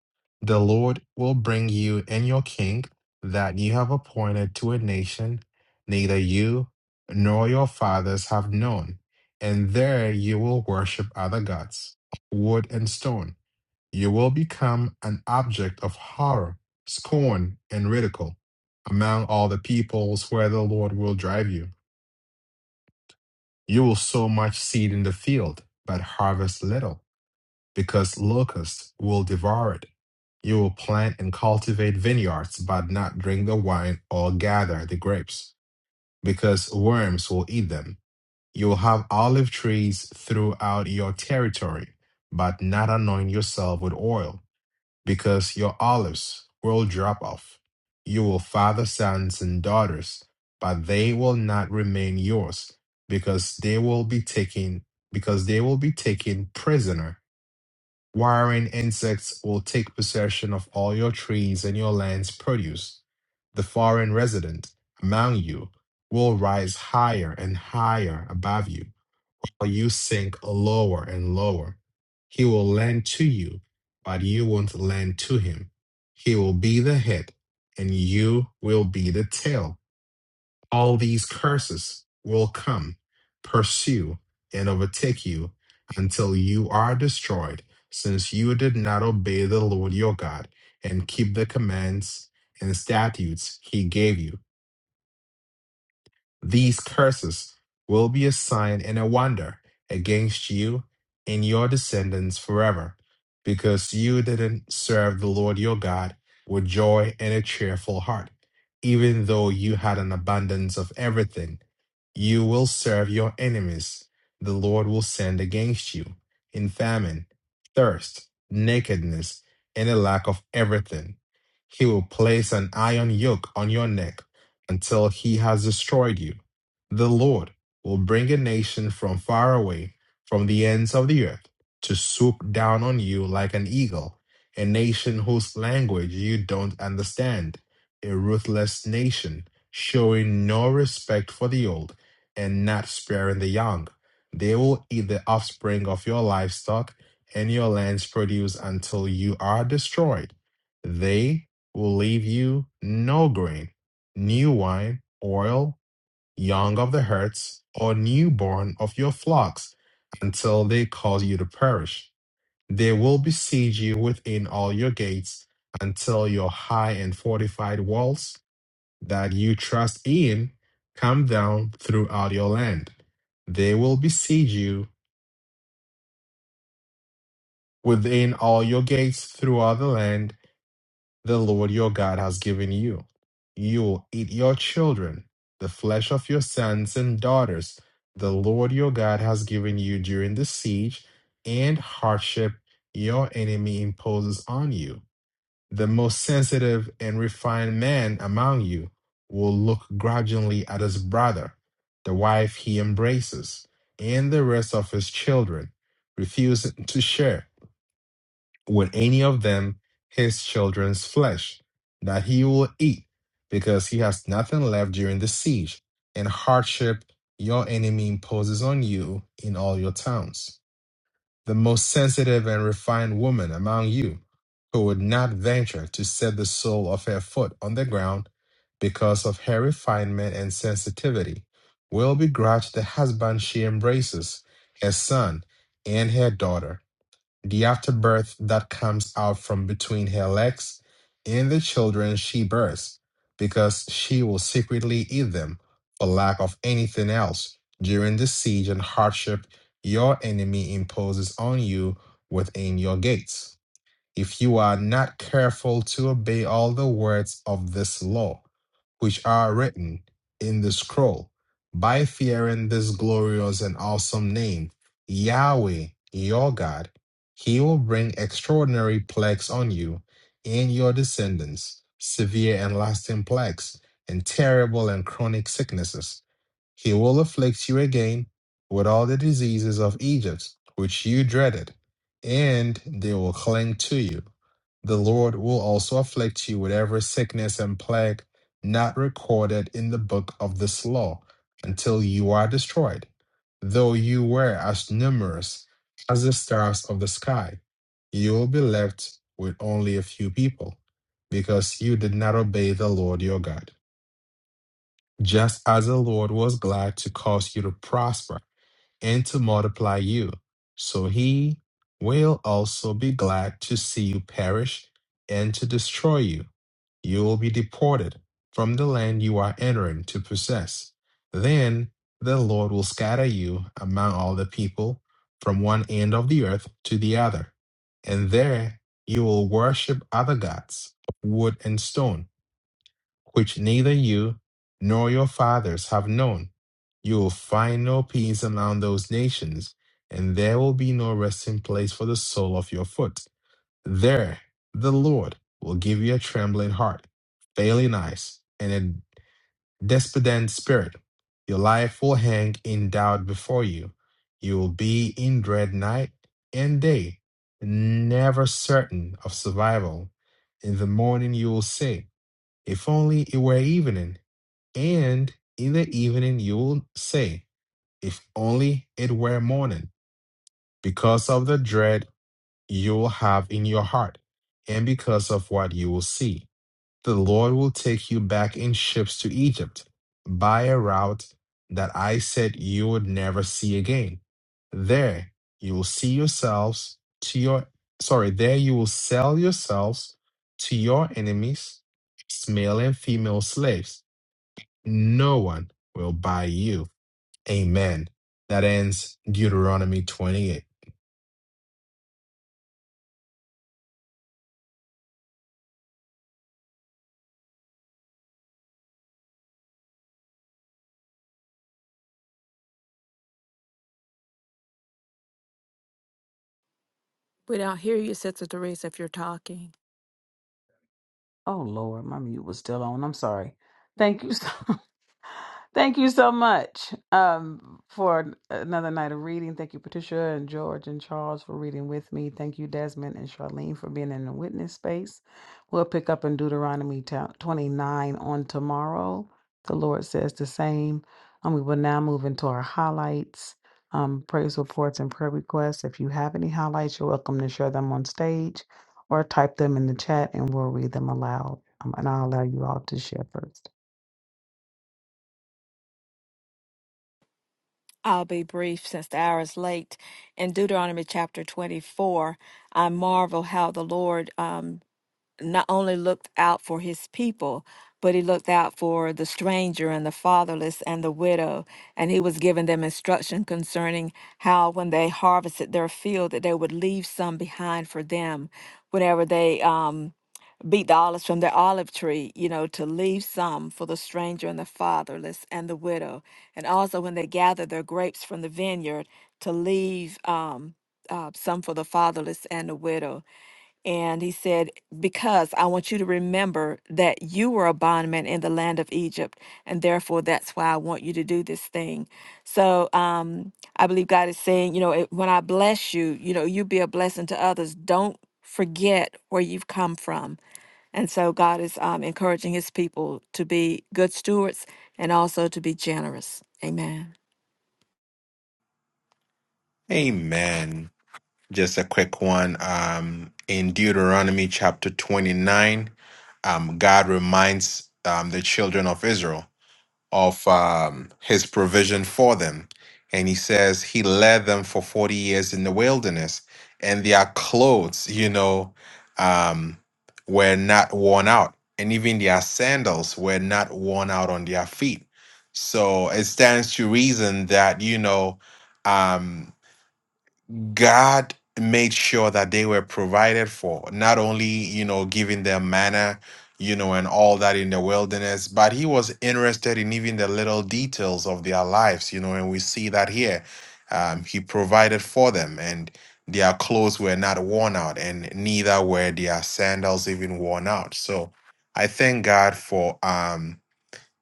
The Lord will bring you and your king that you have appointed to a nation neither you nor your fathers have known, and there you will worship other gods, wood and stone you will become an object of horror, scorn, and ridicule among all the peoples where the Lord will drive you. You will sow much seed in the field, but harvest little, because locusts will devour it. You will plant and cultivate vineyards, but not drink the wine or gather the grapes, because worms will eat them. You will have olive trees throughout your territory, but not anoint yourself with oil. because your olives will drop off. You will father sons and daughters, but they will not remain yours, because they will be taken because they will be taken prisoner. Warring insects will take possession of all your trees and your land's produce. The foreign resident among you will rise higher and higher above you or you sink lower and lower. He will lend to you, but you won't lend to him. He will be the head, and you will be the tail. All these curses will come, pursue, and overtake you until you are destroyed, since you did not obey the Lord your God and keep the commands and statutes he gave you. These curses will be a sign and a wonder against you and your descendants forever, because you didn't serve the Lord your God with joy and a cheerful heart, even though you had an abundance of everything. You will serve your enemies. The Lord will send against you in famine, thirst, nakedness, and a lack of everything. He will place an iron yoke on your neck until he has destroyed you. The Lord will bring a nation from far away, from the ends of the earth, to swoop down on you like an eagle, a nation whose language you don't understand, a ruthless nation, showing no respect for the old and not sparing the young. They will eat the offspring of your livestock and your land's produce until you are destroyed. They will leave you no grain new wine, oil, young of the herds, or newborn of your flocks, until they cause you to perish. They will besiege you within all your gates, until your high and fortified walls that you trust in come down throughout your land. They will besiege you within all your gates throughout the land the Lord your God has given you. You will eat your children, the flesh of your sons and daughters, the Lord your God has given you during the siege and hardship your enemy imposes on you. The most sensitive and refined man among you will look grudgingly at his brother, the wife he embraces, and the rest of his children, refusing to share with any of them his children's flesh that he will eat, because he has nothing left during the siege and hardship your enemy imposes on you in all your towns. The most sensitive and refined woman among you, who would not venture to set the sole of her foot on the ground because of her refinement and sensitivity, will begrudge the husband she embraces, her son, and her daughter the afterbirth that comes out from between her legs and the children she births, because she will secretly eat them for lack of anything else during the siege and hardship your enemy imposes on you within your gates if you are not careful to obey all the words of this law, which are written in the scroll, by fearing this glorious and awesome name, Yahweh, your God, he will bring extraordinary plagues on you and your descendants, severe and lasting plagues, and terrible and chronic sicknesses. He will afflict you again with all the diseases of Egypt, which you dreaded and they will cling to you. The Lord will also afflict you with every sickness and plague not recorded in the book of this law until you are destroyed, though you were as numerous as the stars of the sky. You will be left with only a few people because you did not obey the Lord your God. Just as the Lord was glad to cause you to prosper and to multiply you. So he will also be glad to see you perish and to destroy you. You will be deported from the land you are entering to possess. Then the Lord will scatter you among all the people from one end of the earth to the other. And there you will worship other gods, wood and stone which neither you nor your fathers have known. You will find no peace among those nations, and there will be no resting place for the sole of your foot. There the Lord will give you a trembling heart, failing eyes, and a despondent spirit. Your life will hang in doubt before you. You will be in dread night and day, never certain of survival. In the morning you will say, If only it were evening and in the evening you will say, If only it were morning, because of the dread you will have in your heart, and because of what you will see. The Lord will take you back in ships to Egypt by a route that I said you would never see again. There you will see yourselves to your sorry, there you will sell yourselves to your enemies, male and female slaves no one will buy you. Amen. That ends Deuteronomy 28.
We don't hear you, Sister Teresa, if you're talking.
Oh Lord, my mute was still on. I'm sorry. Thank you so Thank you so much um, for an- another night of reading. Thank you, Patricia and George and Charles, for reading with me. Thank you, Desmond and Charlene, for being in the witness space. We'll pick up in Deuteronomy ta- 29 on tomorrow. The Lord says the same. And we will now move into our highlights, um, praise reports, and prayer requests. If you have any highlights, you're welcome to share them on stage or type them in the chat and we'll read them aloud. Um, and I'll allow you all to share first.
I'll be brief since the hour is late. In Deuteronomy chapter 24, I marvel how the Lord um. not only looked out for his people, but he looked out for the stranger and the fatherless and the widow. And he was giving them instruction concerning how, when they harvested their field, that they would leave some behind for them. Whenever they um, beat the olives from their olive tree, you know, to leave some for the stranger and the fatherless and the widow. And also, when they gathered their grapes from the vineyard, to leave um, uh, some for the fatherless and the widow and he said, Because I want you to remember that you were a bondman in the land of Egypt, and therefore that's why I want you to do this thing. So um, I believe God is saying, you know, it, when I bless you, you know, you be a blessing to others. Don't forget where you've come from. And so God is um, encouraging his people to be good stewards and also to be generous. Amen.
Amen. Just a quick one. Um, in Deuteronomy chapter 29, um, God reminds um, the children of Israel of um, his provision for them. And he says he led them for 40 years in the wilderness, and their clothes, you know, um, were not worn out, and even their sandals were not worn out on their feet. So it stands to reason that, you know, um, God made sure that they were provided for, not only, you know, giving them manna, you know, and all that in the wilderness, but he was interested in even the little details of their lives, you know, and we see that here. Um, he provided for them, and their clothes were not worn out, and neither were their sandals even worn out. So I thank God for. Um,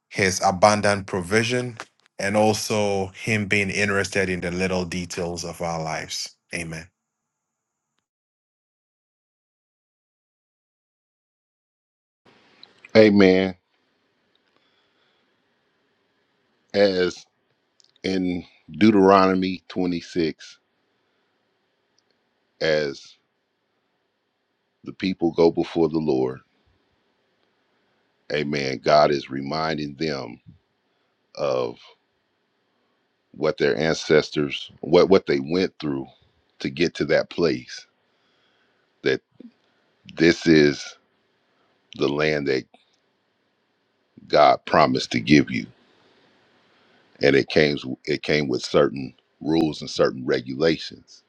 his abundant provision, and also him being interested in the little details of our lives. Amen.
Amen. as in Deuteronomy 26, as the people go before the Lord, amen, God is reminding them of what their ancestors, what, what they went through to get to that place, that this is the land that God promised to give you. And it came, it came with certain rules and certain regulations.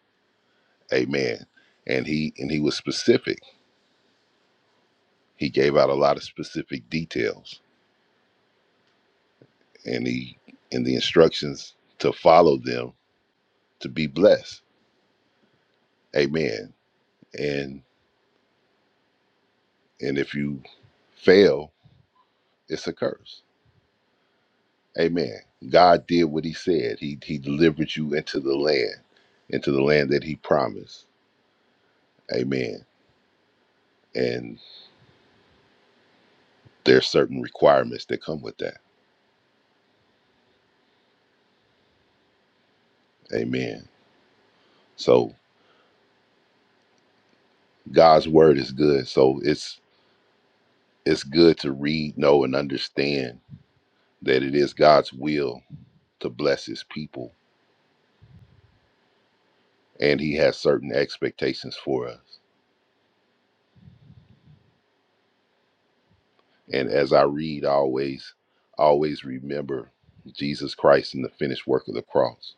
Amen. And he and he was specific. He gave out a lot of specific details and he and the instructions to follow them to be blessed. Amen. And and if you fail, it's a curse. Amen. God did what he said. He he delivered you into the land, into the land that he promised. Amen. And there's certain requirements that come with that. Amen. So God's word is good. So it's it's good to read, know, and understand that it is God's will to bless his people and he has certain expectations for us and as i read I always always remember jesus christ and the finished work of the cross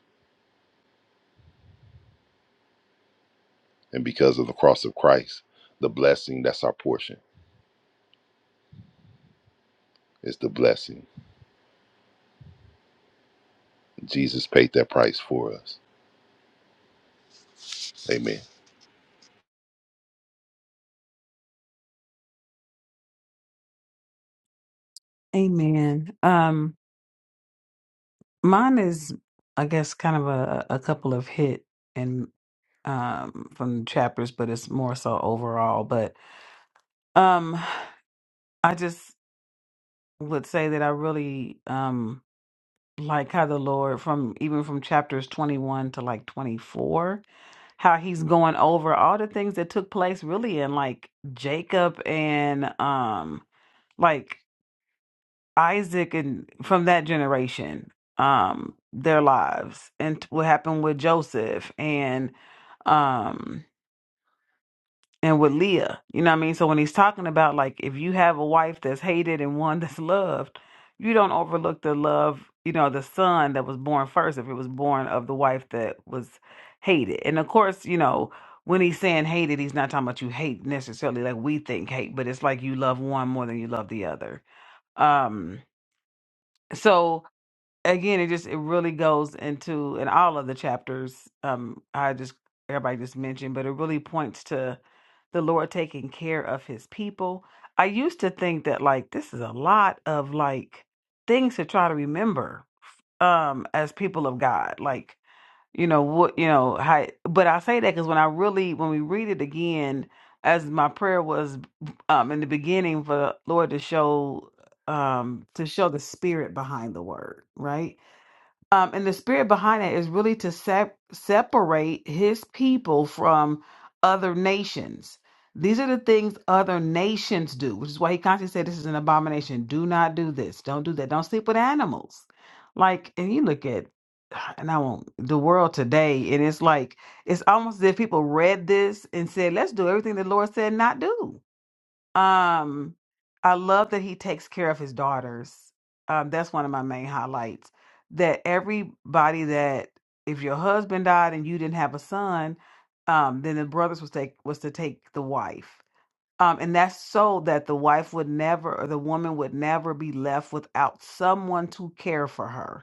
and because of the cross of christ the blessing that's our portion is the blessing jesus paid that price for us amen
Amen. Um, Mine is, I guess, kind of a, a couple of hit and um from chapters, but it's more so overall. But um I just would say that I really um like how the Lord from even from chapters twenty one to like twenty four, how he's going over all the things that took place really in like Jacob and um like Isaac and from that generation, um, their lives and what happened with Joseph and um and with Leah. You know what I mean? So when he's talking about like if you have a wife that's hated and one that's loved, you don't overlook the love, you know, the son that was born first if it was born of the wife that was hated. And of course, you know, when he's saying hated, he's not talking about you hate necessarily like we think hate, but it's like you love one more than you love the other. Um so again it just it really goes into in all of the chapters um i just everybody just mentioned but it really points to the lord taking care of his people i used to think that like this is a lot of like things to try to remember um as people of god like you know what you know how but i say that because when i really when we read it again as my prayer was um in the beginning for the lord to show um to show the spirit behind the word right um, and the spirit behind that is really to sep- separate his people from other nations. These are the things other nations do, which is why he constantly said this is an abomination. Do not do this. Don't do that. Don't sleep with animals. Like, and you look at, and I won't, the world today, and it's like, it's almost as if people read this and said, let's do everything the Lord said not do um, I love that he takes care of his daughters. Um, that's one of my main highlights. That everybody that if your husband died and you didn't have a son, um, then the brothers was take was to take the wife. Um, and that's so that the wife would never or the woman would never be left without someone to care for her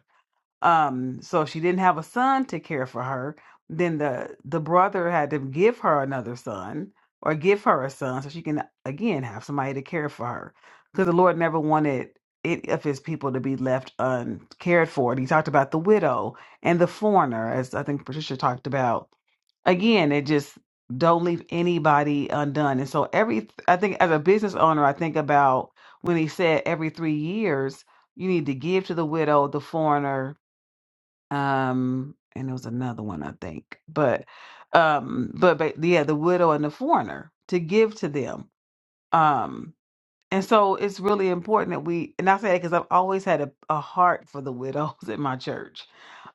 um, so if she didn't have a son to care for her, then the the brother had to give her another son or give her a son so she can again have somebody to care for her. Because the Lord never wanted it of his people to be left uncared for. And he talked about the widow and the foreigner, as I think Patricia talked about. Again, it just don't leave anybody undone. And so every I think as a business owner, I think about when he said every three years you need to give to the widow, the foreigner, um and it was another one i think but um but, but yeah the widow and the foreigner to give to them um and so it's really important that we and i say that because i've always had a, a heart for the widows in my church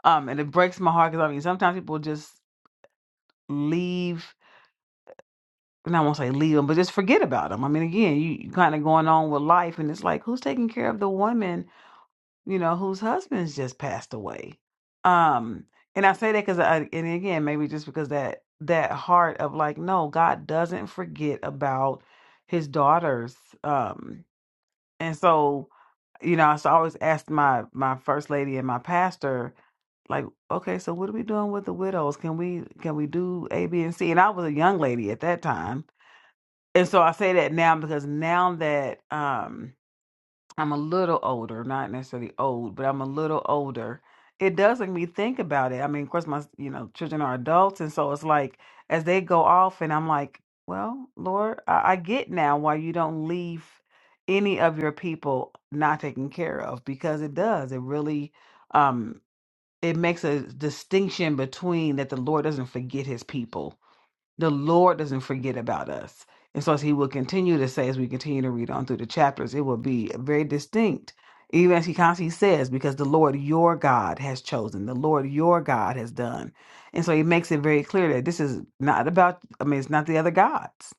um and it breaks my heart because i mean sometimes people just leave and i won't say leave them but just forget about them i mean again you, you kind of going on with life and it's like who's taking care of the woman you know, whose husbands just passed away. Um, and I say that because, and again, maybe just because that that heart of like, no, God doesn't forget about His daughters. Um, and so, you know, so I always asked my my first lady and my pastor, like, okay, so what are we doing with the widows? Can we can we do A, B, and C? And I was a young lady at that time, and so I say that now because now that um I'm a little older, not necessarily old, but I'm a little older. It does make me think about it. I mean, of course, my you know children are adults, and so it's like as they go off, and I'm like, well, Lord, I, I get now why you don't leave any of your people not taken care of because it does. It really, um, it makes a distinction between that the Lord doesn't forget His people the Lord doesn't forget about us. And so as he will continue to say, as we continue to read on through the chapters, it will be very distinct. Even as he constantly says, because the Lord your God has chosen, the Lord your God has done. And so he makes it very clear that this is not about, I mean, it's not the other gods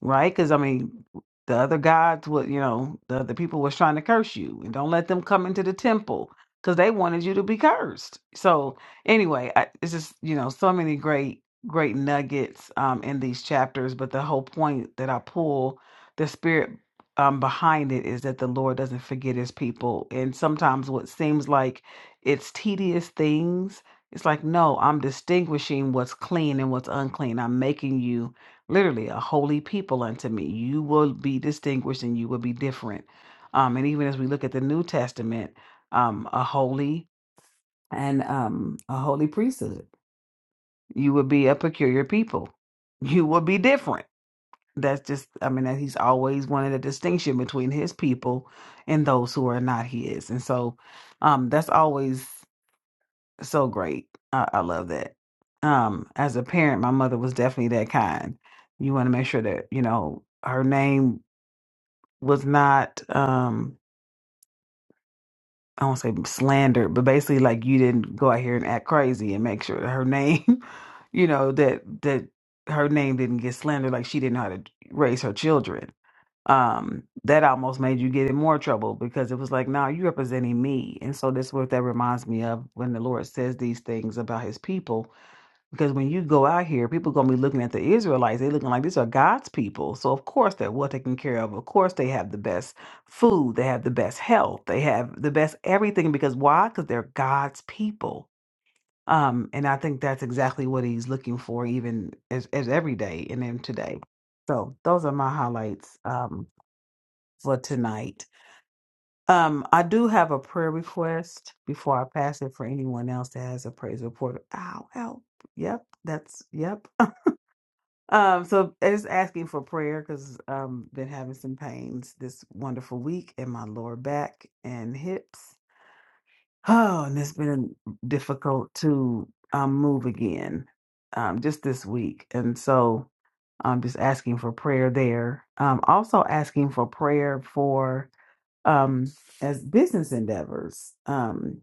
right? Because I mean, the other gods would, you know, the other people was trying to curse you, and don't let them come into the temple because they wanted you to be cursed. So anyway, I, it's just you know so many great great nuggets um, in these chapters, but the whole point that I pull the spirit um, behind it is that the Lord doesn't forget His people, and sometimes what seems like it's tedious things. It's like, no, I'm distinguishing what's clean and what's unclean. I'm making you literally a holy people unto me. You will be distinguished and you will be different. Um, and even as we look at the New Testament, um, a holy and um, a holy priesthood. You will be a peculiar people. You will be different. That's just, I mean, that he's always wanted a distinction between his people and those who are not his. And so um, that's always so great. I, I love that. Um, as a parent, my mother was definitely that kind. You want to make sure that, you know, her name was not um I won't say slandered, but basically like you didn't go out here and act crazy and make sure that her name, you know, that that her name didn't get slandered, like she didn't know how to raise her children. Um, that almost made you get in more trouble because it was like, nah, you representing me. And so that's what that reminds me of when the Lord says these things about his people Because when you go out here, people gonna be looking at the Israelites. They looking like these are God's people. So of course they're well taken care of. Of course they have the best food. They have the best health. They have the best everything. Because why? Because they're God's people. Um, and I think that's exactly what he's looking for, even as, as every day and then today. So those are my highlights um, for tonight. Um, I do have a prayer request before I pass it for anyone else that has a praise report. Ow, ow. Yep, that's yep. Um, so I just asking for prayer because um been having some pains this wonderful week in my lower back and hips. Oh, and it's been difficult to um move again um just this week. And so I'm just asking for prayer there. Um also asking for prayer for um as business endeavors. Um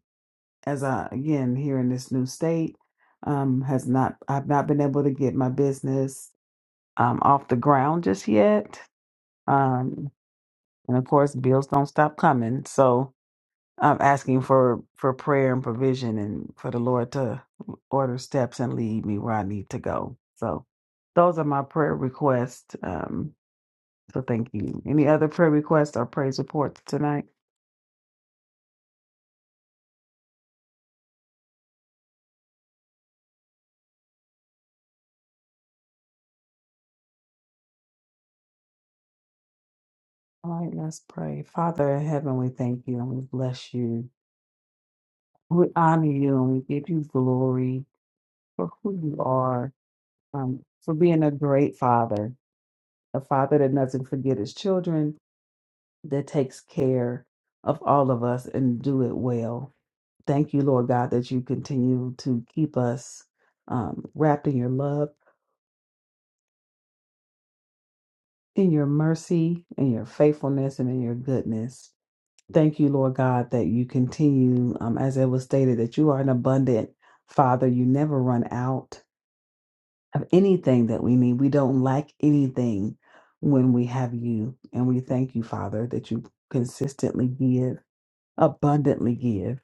as I again here in this new state, um has not I've not been able to get my business um, off the ground just yet. Um, and of course, bills don't stop coming. So I'm asking for, for prayer and provision and for the Lord to order steps and lead me where I need to go. So those are my prayer requests. Um, so thank you. Any other prayer requests or praise reports tonight? All right, let's pray. Father in heaven, we thank you and we bless you. We honor you and we give you glory for who you are, um, for being a great father a father that doesn't forget his children, that takes care of all of us and do it well. Thank you, Lord God, that you continue to keep us um, wrapped in your love, in your mercy, in your faithfulness, and in your goodness. Thank you, Lord God, that you continue, um, as it was stated, that you are an abundant Father. You never run out of anything that we need. We don't lack anything when we have you. And we thank you, Father, that you consistently give. abundantly give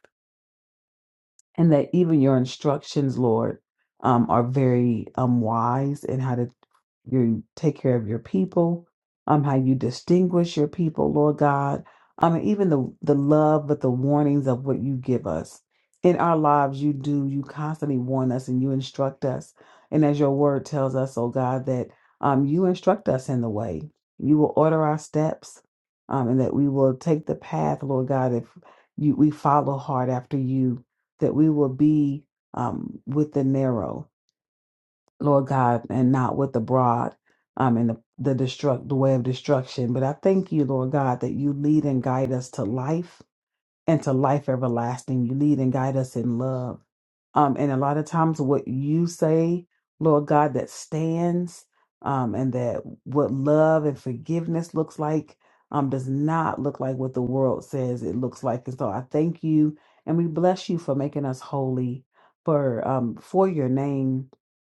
and that even your instructions, Lord, um, are very um, wise in how to you take care of your people, um, how you distinguish your people, Lord God. Um, and even the the love, but the warnings of what you give us in our lives, you do. You constantly warn us and you instruct us, and as your word tells us, oh God, that um, you instruct us in the way. You will order our steps, um, and that we will take the path, Lord God, if you we follow hard after you that we will be um, with the narrow, Lord God, and not with the broad um, and the, the, destruct, the way of destruction. But I thank you, Lord God, that you lead and guide us to life and to life everlasting. You lead and guide us in love. Um, and a lot of times, what you say, Lord God, that stands um, and that what love and forgiveness looks like um, does not look like what the world says it looks like. And so I thank you and we bless you for making us holy for um, for your name.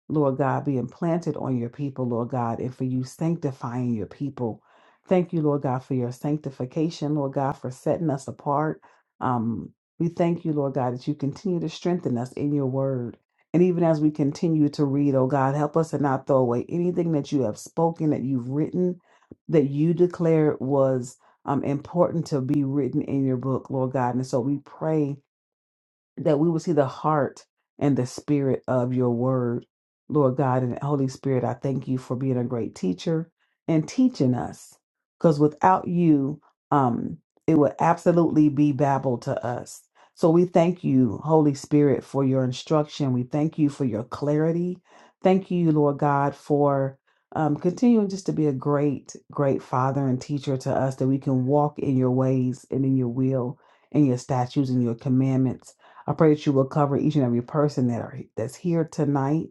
Lord God, be implanted on your people, Lord God, and for you sanctifying your people. Thank you, Lord God, for your sanctification, Lord God, for setting us apart. Um, we thank you, Lord God, that you continue to strengthen us in your word. And even as we continue to read, oh God, help us to not throw away anything that you have spoken, that you've written, that you declared was um, important to be written in your book, Lord God. And so we pray that we will see the heart and the spirit of your word. Lord God and Holy Spirit, I thank you for being a great teacher and teaching us. Because without you, um, it would absolutely be babble to us. So we thank you, Holy Spirit, for your instruction. We thank you for your clarity. Thank you, Lord God, for um, continuing just to be a great, great father and teacher to us that we can walk in your ways and in your will and your statutes and your commandments. I pray that you will cover each and every person that are that's here tonight.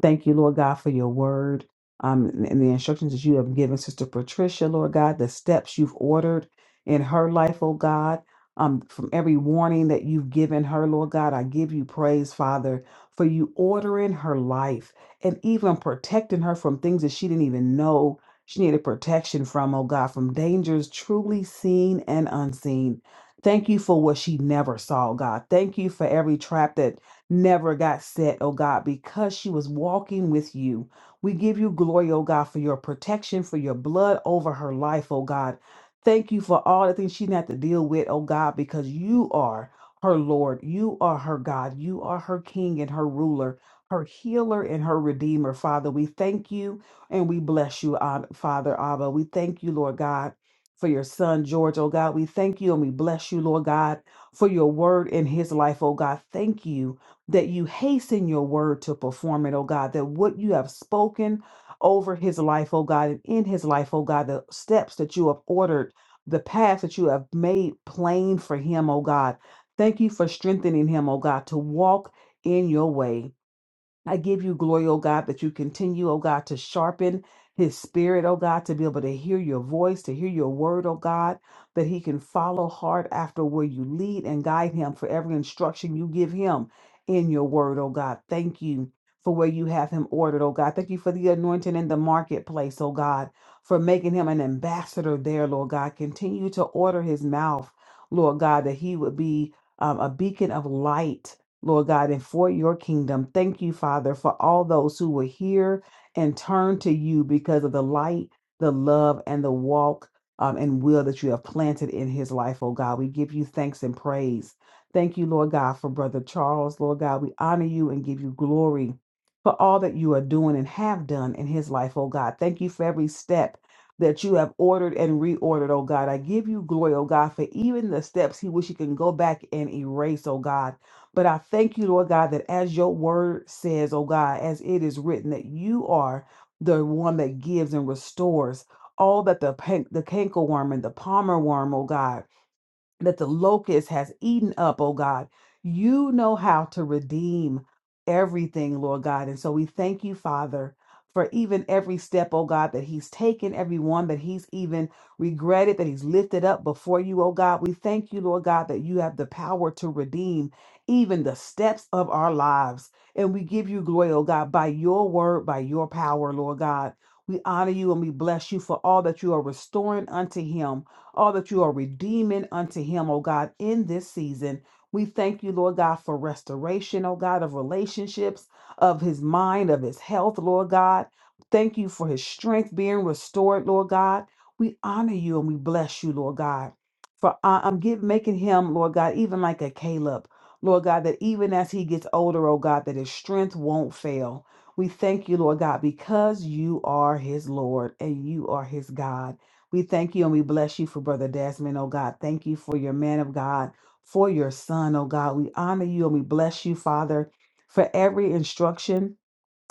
Thank you, Lord God, for your word um, and the instructions that you have given Sister Patricia, Lord God, the steps you've ordered in her life, oh God. Um, from every warning that you've given her, Lord God, I give you praise, Father, for you ordering her life and even protecting her from things that she didn't even know she needed protection from, oh God, from dangers truly seen and unseen. Thank you for what she never saw, God. Thank you for every trap that never got set, oh God, because she was walking with you. We give you glory, oh God, for your protection, for your blood over her life, oh God. Thank you for all the things she had to deal with, oh God, because you are her Lord. You are her God. You are her King and her ruler, her healer and her redeemer, Father. We thank you and we bless you, Ab- Father Abba. We thank you, Lord God, for your son, George, oh God. We thank you and we bless you, Lord God for your word in his life, oh God. Thank you that you hasten your word to perform it, oh God, that what you have spoken over his life, oh God, and in his life, oh God, the steps that you have ordered, the path that you have made plain for him, oh God. Thank you for strengthening him, oh God, to walk in your way. I give you glory, O God, that you continue, O God, to sharpen his spirit, O God, to be able to hear your voice, to hear your word, O God, that he can follow hard after where you lead and guide him for every instruction you give him in your word, O God. Thank you for where you have him ordered, O God. Thank you for the anointing in the marketplace, O God, for making him an ambassador there, Lord God. Continue to order his mouth, Lord God, that he would be um, a beacon of light Lord God, and for your kingdom. Thank you, Father, for all those who were here and turned to you because of the light, the love, and the walk um, and will that you have planted in his life, oh God. We give you thanks and praise. Thank you, Lord God, for Brother Charles. Lord God, we honor you and give you glory for all that you are doing and have done in his life, oh God. Thank you for every step that you have ordered and reordered, oh God. I give you glory, oh God, for even the steps he wish he can go back and erase, oh God. But I thank you, Lord God, that as your word says, oh God, as it is written, that you are the one that gives and restores all that the, pan- the canker worm and the palmer worm, oh God that the locust has eaten up, oh God. You know how to redeem everything, Lord God. And so we thank you, Father, for even every step, oh God, that he's taken, every one that he's even regretted, that he's lifted up before you, oh God. We thank you, Lord God, that you have the power to redeem even the steps of our lives. And we give you glory, oh God, by your word, by your power, Lord God. We honor you and we bless you for all that you are restoring unto him all that you are redeeming unto him, oh God, in this season. We thank you, Lord God, for restoration, oh God, of relationships, of his mind, of his health, Lord God. Thank you for his strength being restored, Lord God. We honor you and we bless you, Lord God. For I- I'm get, making him, Lord God, even like a Caleb, Lord God, that even as he gets older, oh God, that his strength won't fail. We thank you, Lord God, because you are his Lord and you are his God. We thank you and we bless you for Brother Desmond, oh God. Thank you for your man of God, for your son, oh God. We honor you and we bless you, Father, for every instruction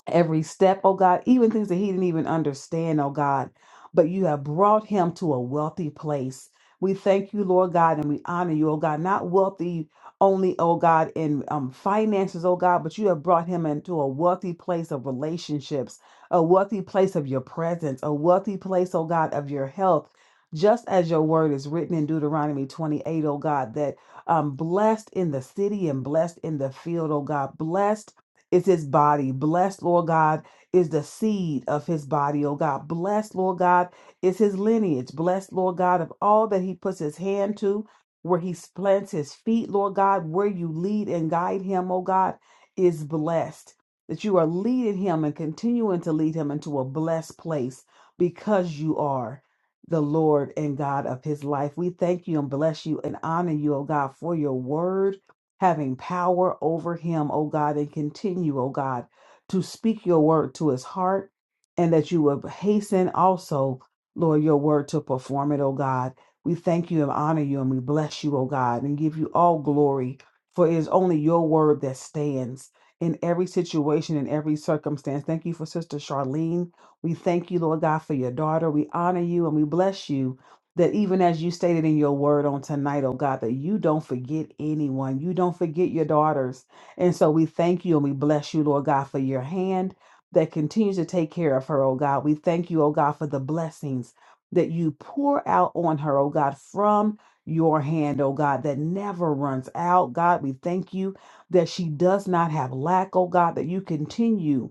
every step, oh God, even things that he didn't even understand, oh God. But you have brought him to a wealthy place. We thank you, Lord God, and we honor you, oh God, not wealthy only, oh God, in um, finances, oh God, but you have brought him into a wealthy place of relationships, a wealthy place of your presence, a wealthy place, oh God, of your health. Just as your word is written in Deuteronomy 28, O God, that um, blessed in the city and blessed in the field, oh God, blessed is his body. Blessed, Lord God, is the seed of his body, oh God. Blessed, Lord God, is his lineage. Blessed, Lord God, of all that he puts his hand to, where he plants his feet, Lord God, where you lead and guide him, oh God, is blessed. That you are leading him and continuing to lead him into a blessed place because you are the Lord and God of his life. We thank you and bless you and honor you, oh God, for your word having power over him, O God, and continue, O God, to speak your word to his heart, and that you would hasten also, Lord, your word to perform it, O God. We thank you and honor you, and we bless you, O God, and give you all glory, for it is only your word that stands. In every situation, in every circumstance. Thank you for Sister Charlene. We thank you, Lord God, for your daughter. We honor you and we bless you that even as you stated in your word on tonight, oh God, that you don't forget anyone. You don't forget your daughters. And so we thank you and we bless you, Lord God, for your hand that continues to take care of her, oh God. We thank you, oh God, for the blessings that you pour out on her, oh God, from your hand, oh God, that never runs out. God, we thank you that she does not have lack, oh God, that you continue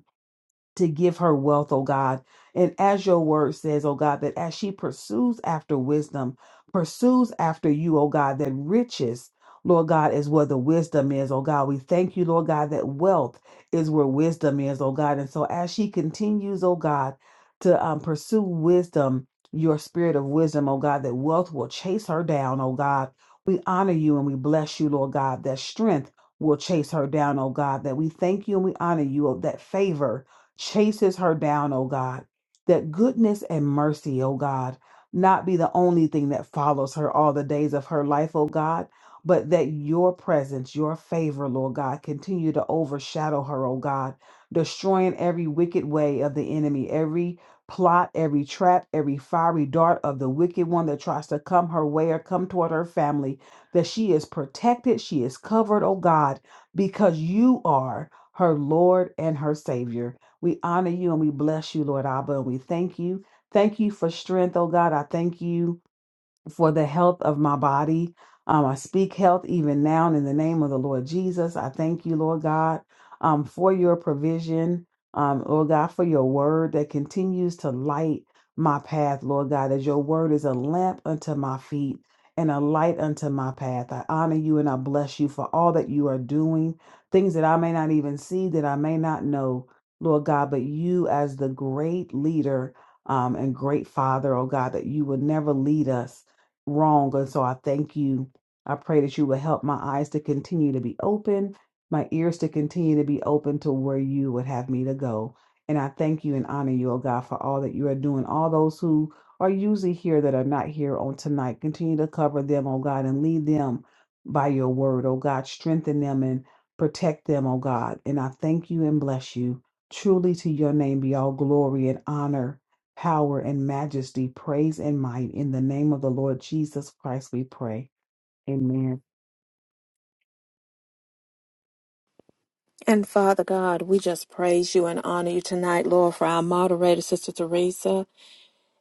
to give her wealth, oh God. And as your word says, oh God, that as she pursues after wisdom, pursues after you, oh God, that riches, Lord God, is where the wisdom is, oh God. We thank you, Lord God, that wealth is where wisdom is, oh God. And so as she continues, oh God, to um, pursue wisdom, your spirit of wisdom, oh God, that wealth will chase her down, oh God. We honor you and we bless you, Lord God, that strength will chase her down, oh God, that we thank you and we honor you, oh, that favor chases her down, O God. That goodness and mercy, O God, not be the only thing that follows her all the days of her life, O God, but that your presence, your favor, Lord God, continue to overshadow her, O God, destroying every wicked way of the enemy, every plot, every trap, every fiery dart of the wicked one that tries to come her way or come toward her family, that she is protected, she is covered, O God, because you are her Lord and her Savior. We honor you and we bless you, Lord Abba, and we thank you. Thank you for strength, oh God. I thank you for the health of my body. Um, I speak health even now in the name of the Lord Jesus. I thank you, Lord God, um, for your provision, um, Lord God, for your word that continues to light my path, Lord God, as your word is a lamp unto my feet and a light unto my path. I honor you and I bless you for all that you are doing, things that I may not even see, that I may not know, Lord God, but you as the great leader um, and great father, oh God, that you would never lead us wrong. And so I thank you. I pray that you will help my eyes to continue to be open, my ears to continue to be open to where you would have me to go. And I thank you and honor you, oh God, for all that you are doing. All those who are usually here that are not here on tonight, continue to cover them, oh God, and lead them by your word, oh God. Strengthen them and protect them, oh God. And I thank you and bless you. Truly to your name be all glory and honor power and majesty, praise and might. In the name of the Lord Jesus Christ, we pray. Amen.
And Father God, we just praise you and honor you tonight, Lord, for our moderator, Sister Teresa.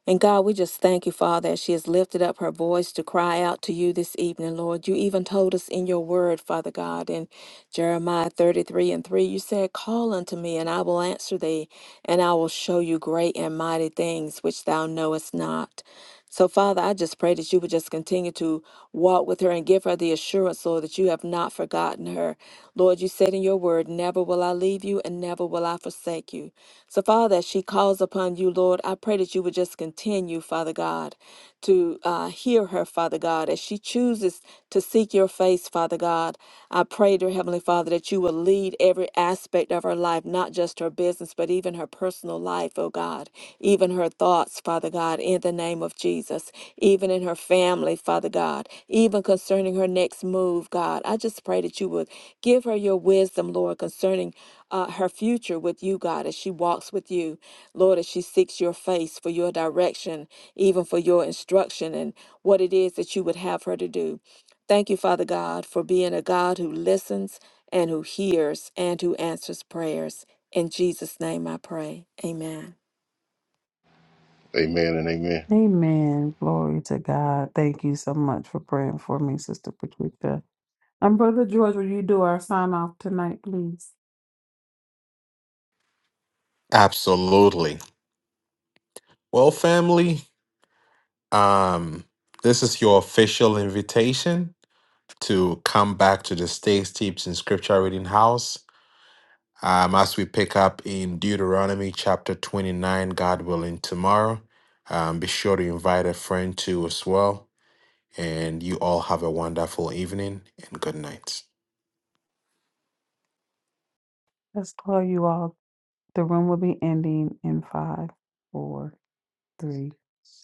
And God, we just thank you, Father, as she has lifted up her voice to cry out to you this evening, Lord. You even told us in your word, Father God, in Jeremiah 33 and 3, you said, Call unto me, and I will answer thee, and I will show you great and mighty things which thou knowest not. So, Father, I just pray that you would just continue to walk with her and give her the assurance, Lord, that you have not forgotten her. Lord, you said in your word, Never will I leave you and never will I forsake you. So, Father, as she calls upon you, Lord, I pray that you would just continue, Father God, to uh, hear her, Father God, as she chooses to seek your face, Father God. I pray, dear Heavenly Father, that you will lead every aspect of her life, not just her business, but even her personal life, oh God, even her thoughts thoughts, Father God, in the name of Jesus, even in her family, Father God, even concerning her next move, God. I just pray that you would give her your wisdom, Lord, concerning uh, her future with you, God, as she walks with you, Lord, as she seeks your face for your direction, even for your instruction and what it is that you would have her to do. Thank you, Father God, for being a God who listens and who hears and who answers prayers. In Jesus' name I pray. Amen.
amen and amen
Amen. Glory to God. Thank you so much for praying for me, Sister Patricia. And Brother George, will you do our sign off tonight, please?
Absolutely. Well, family, um, this is your official invitation to come back to the Stay Steeped in Scripture Reading House. Um, as we pick up in Deuteronomy chapter 29, God willing, tomorrow, um, be sure to invite a friend too as well. And you all have a wonderful evening and good night.
Let's call you all. The room will be ending in five, four, three,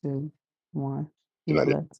two, one. Be
good night
blessed.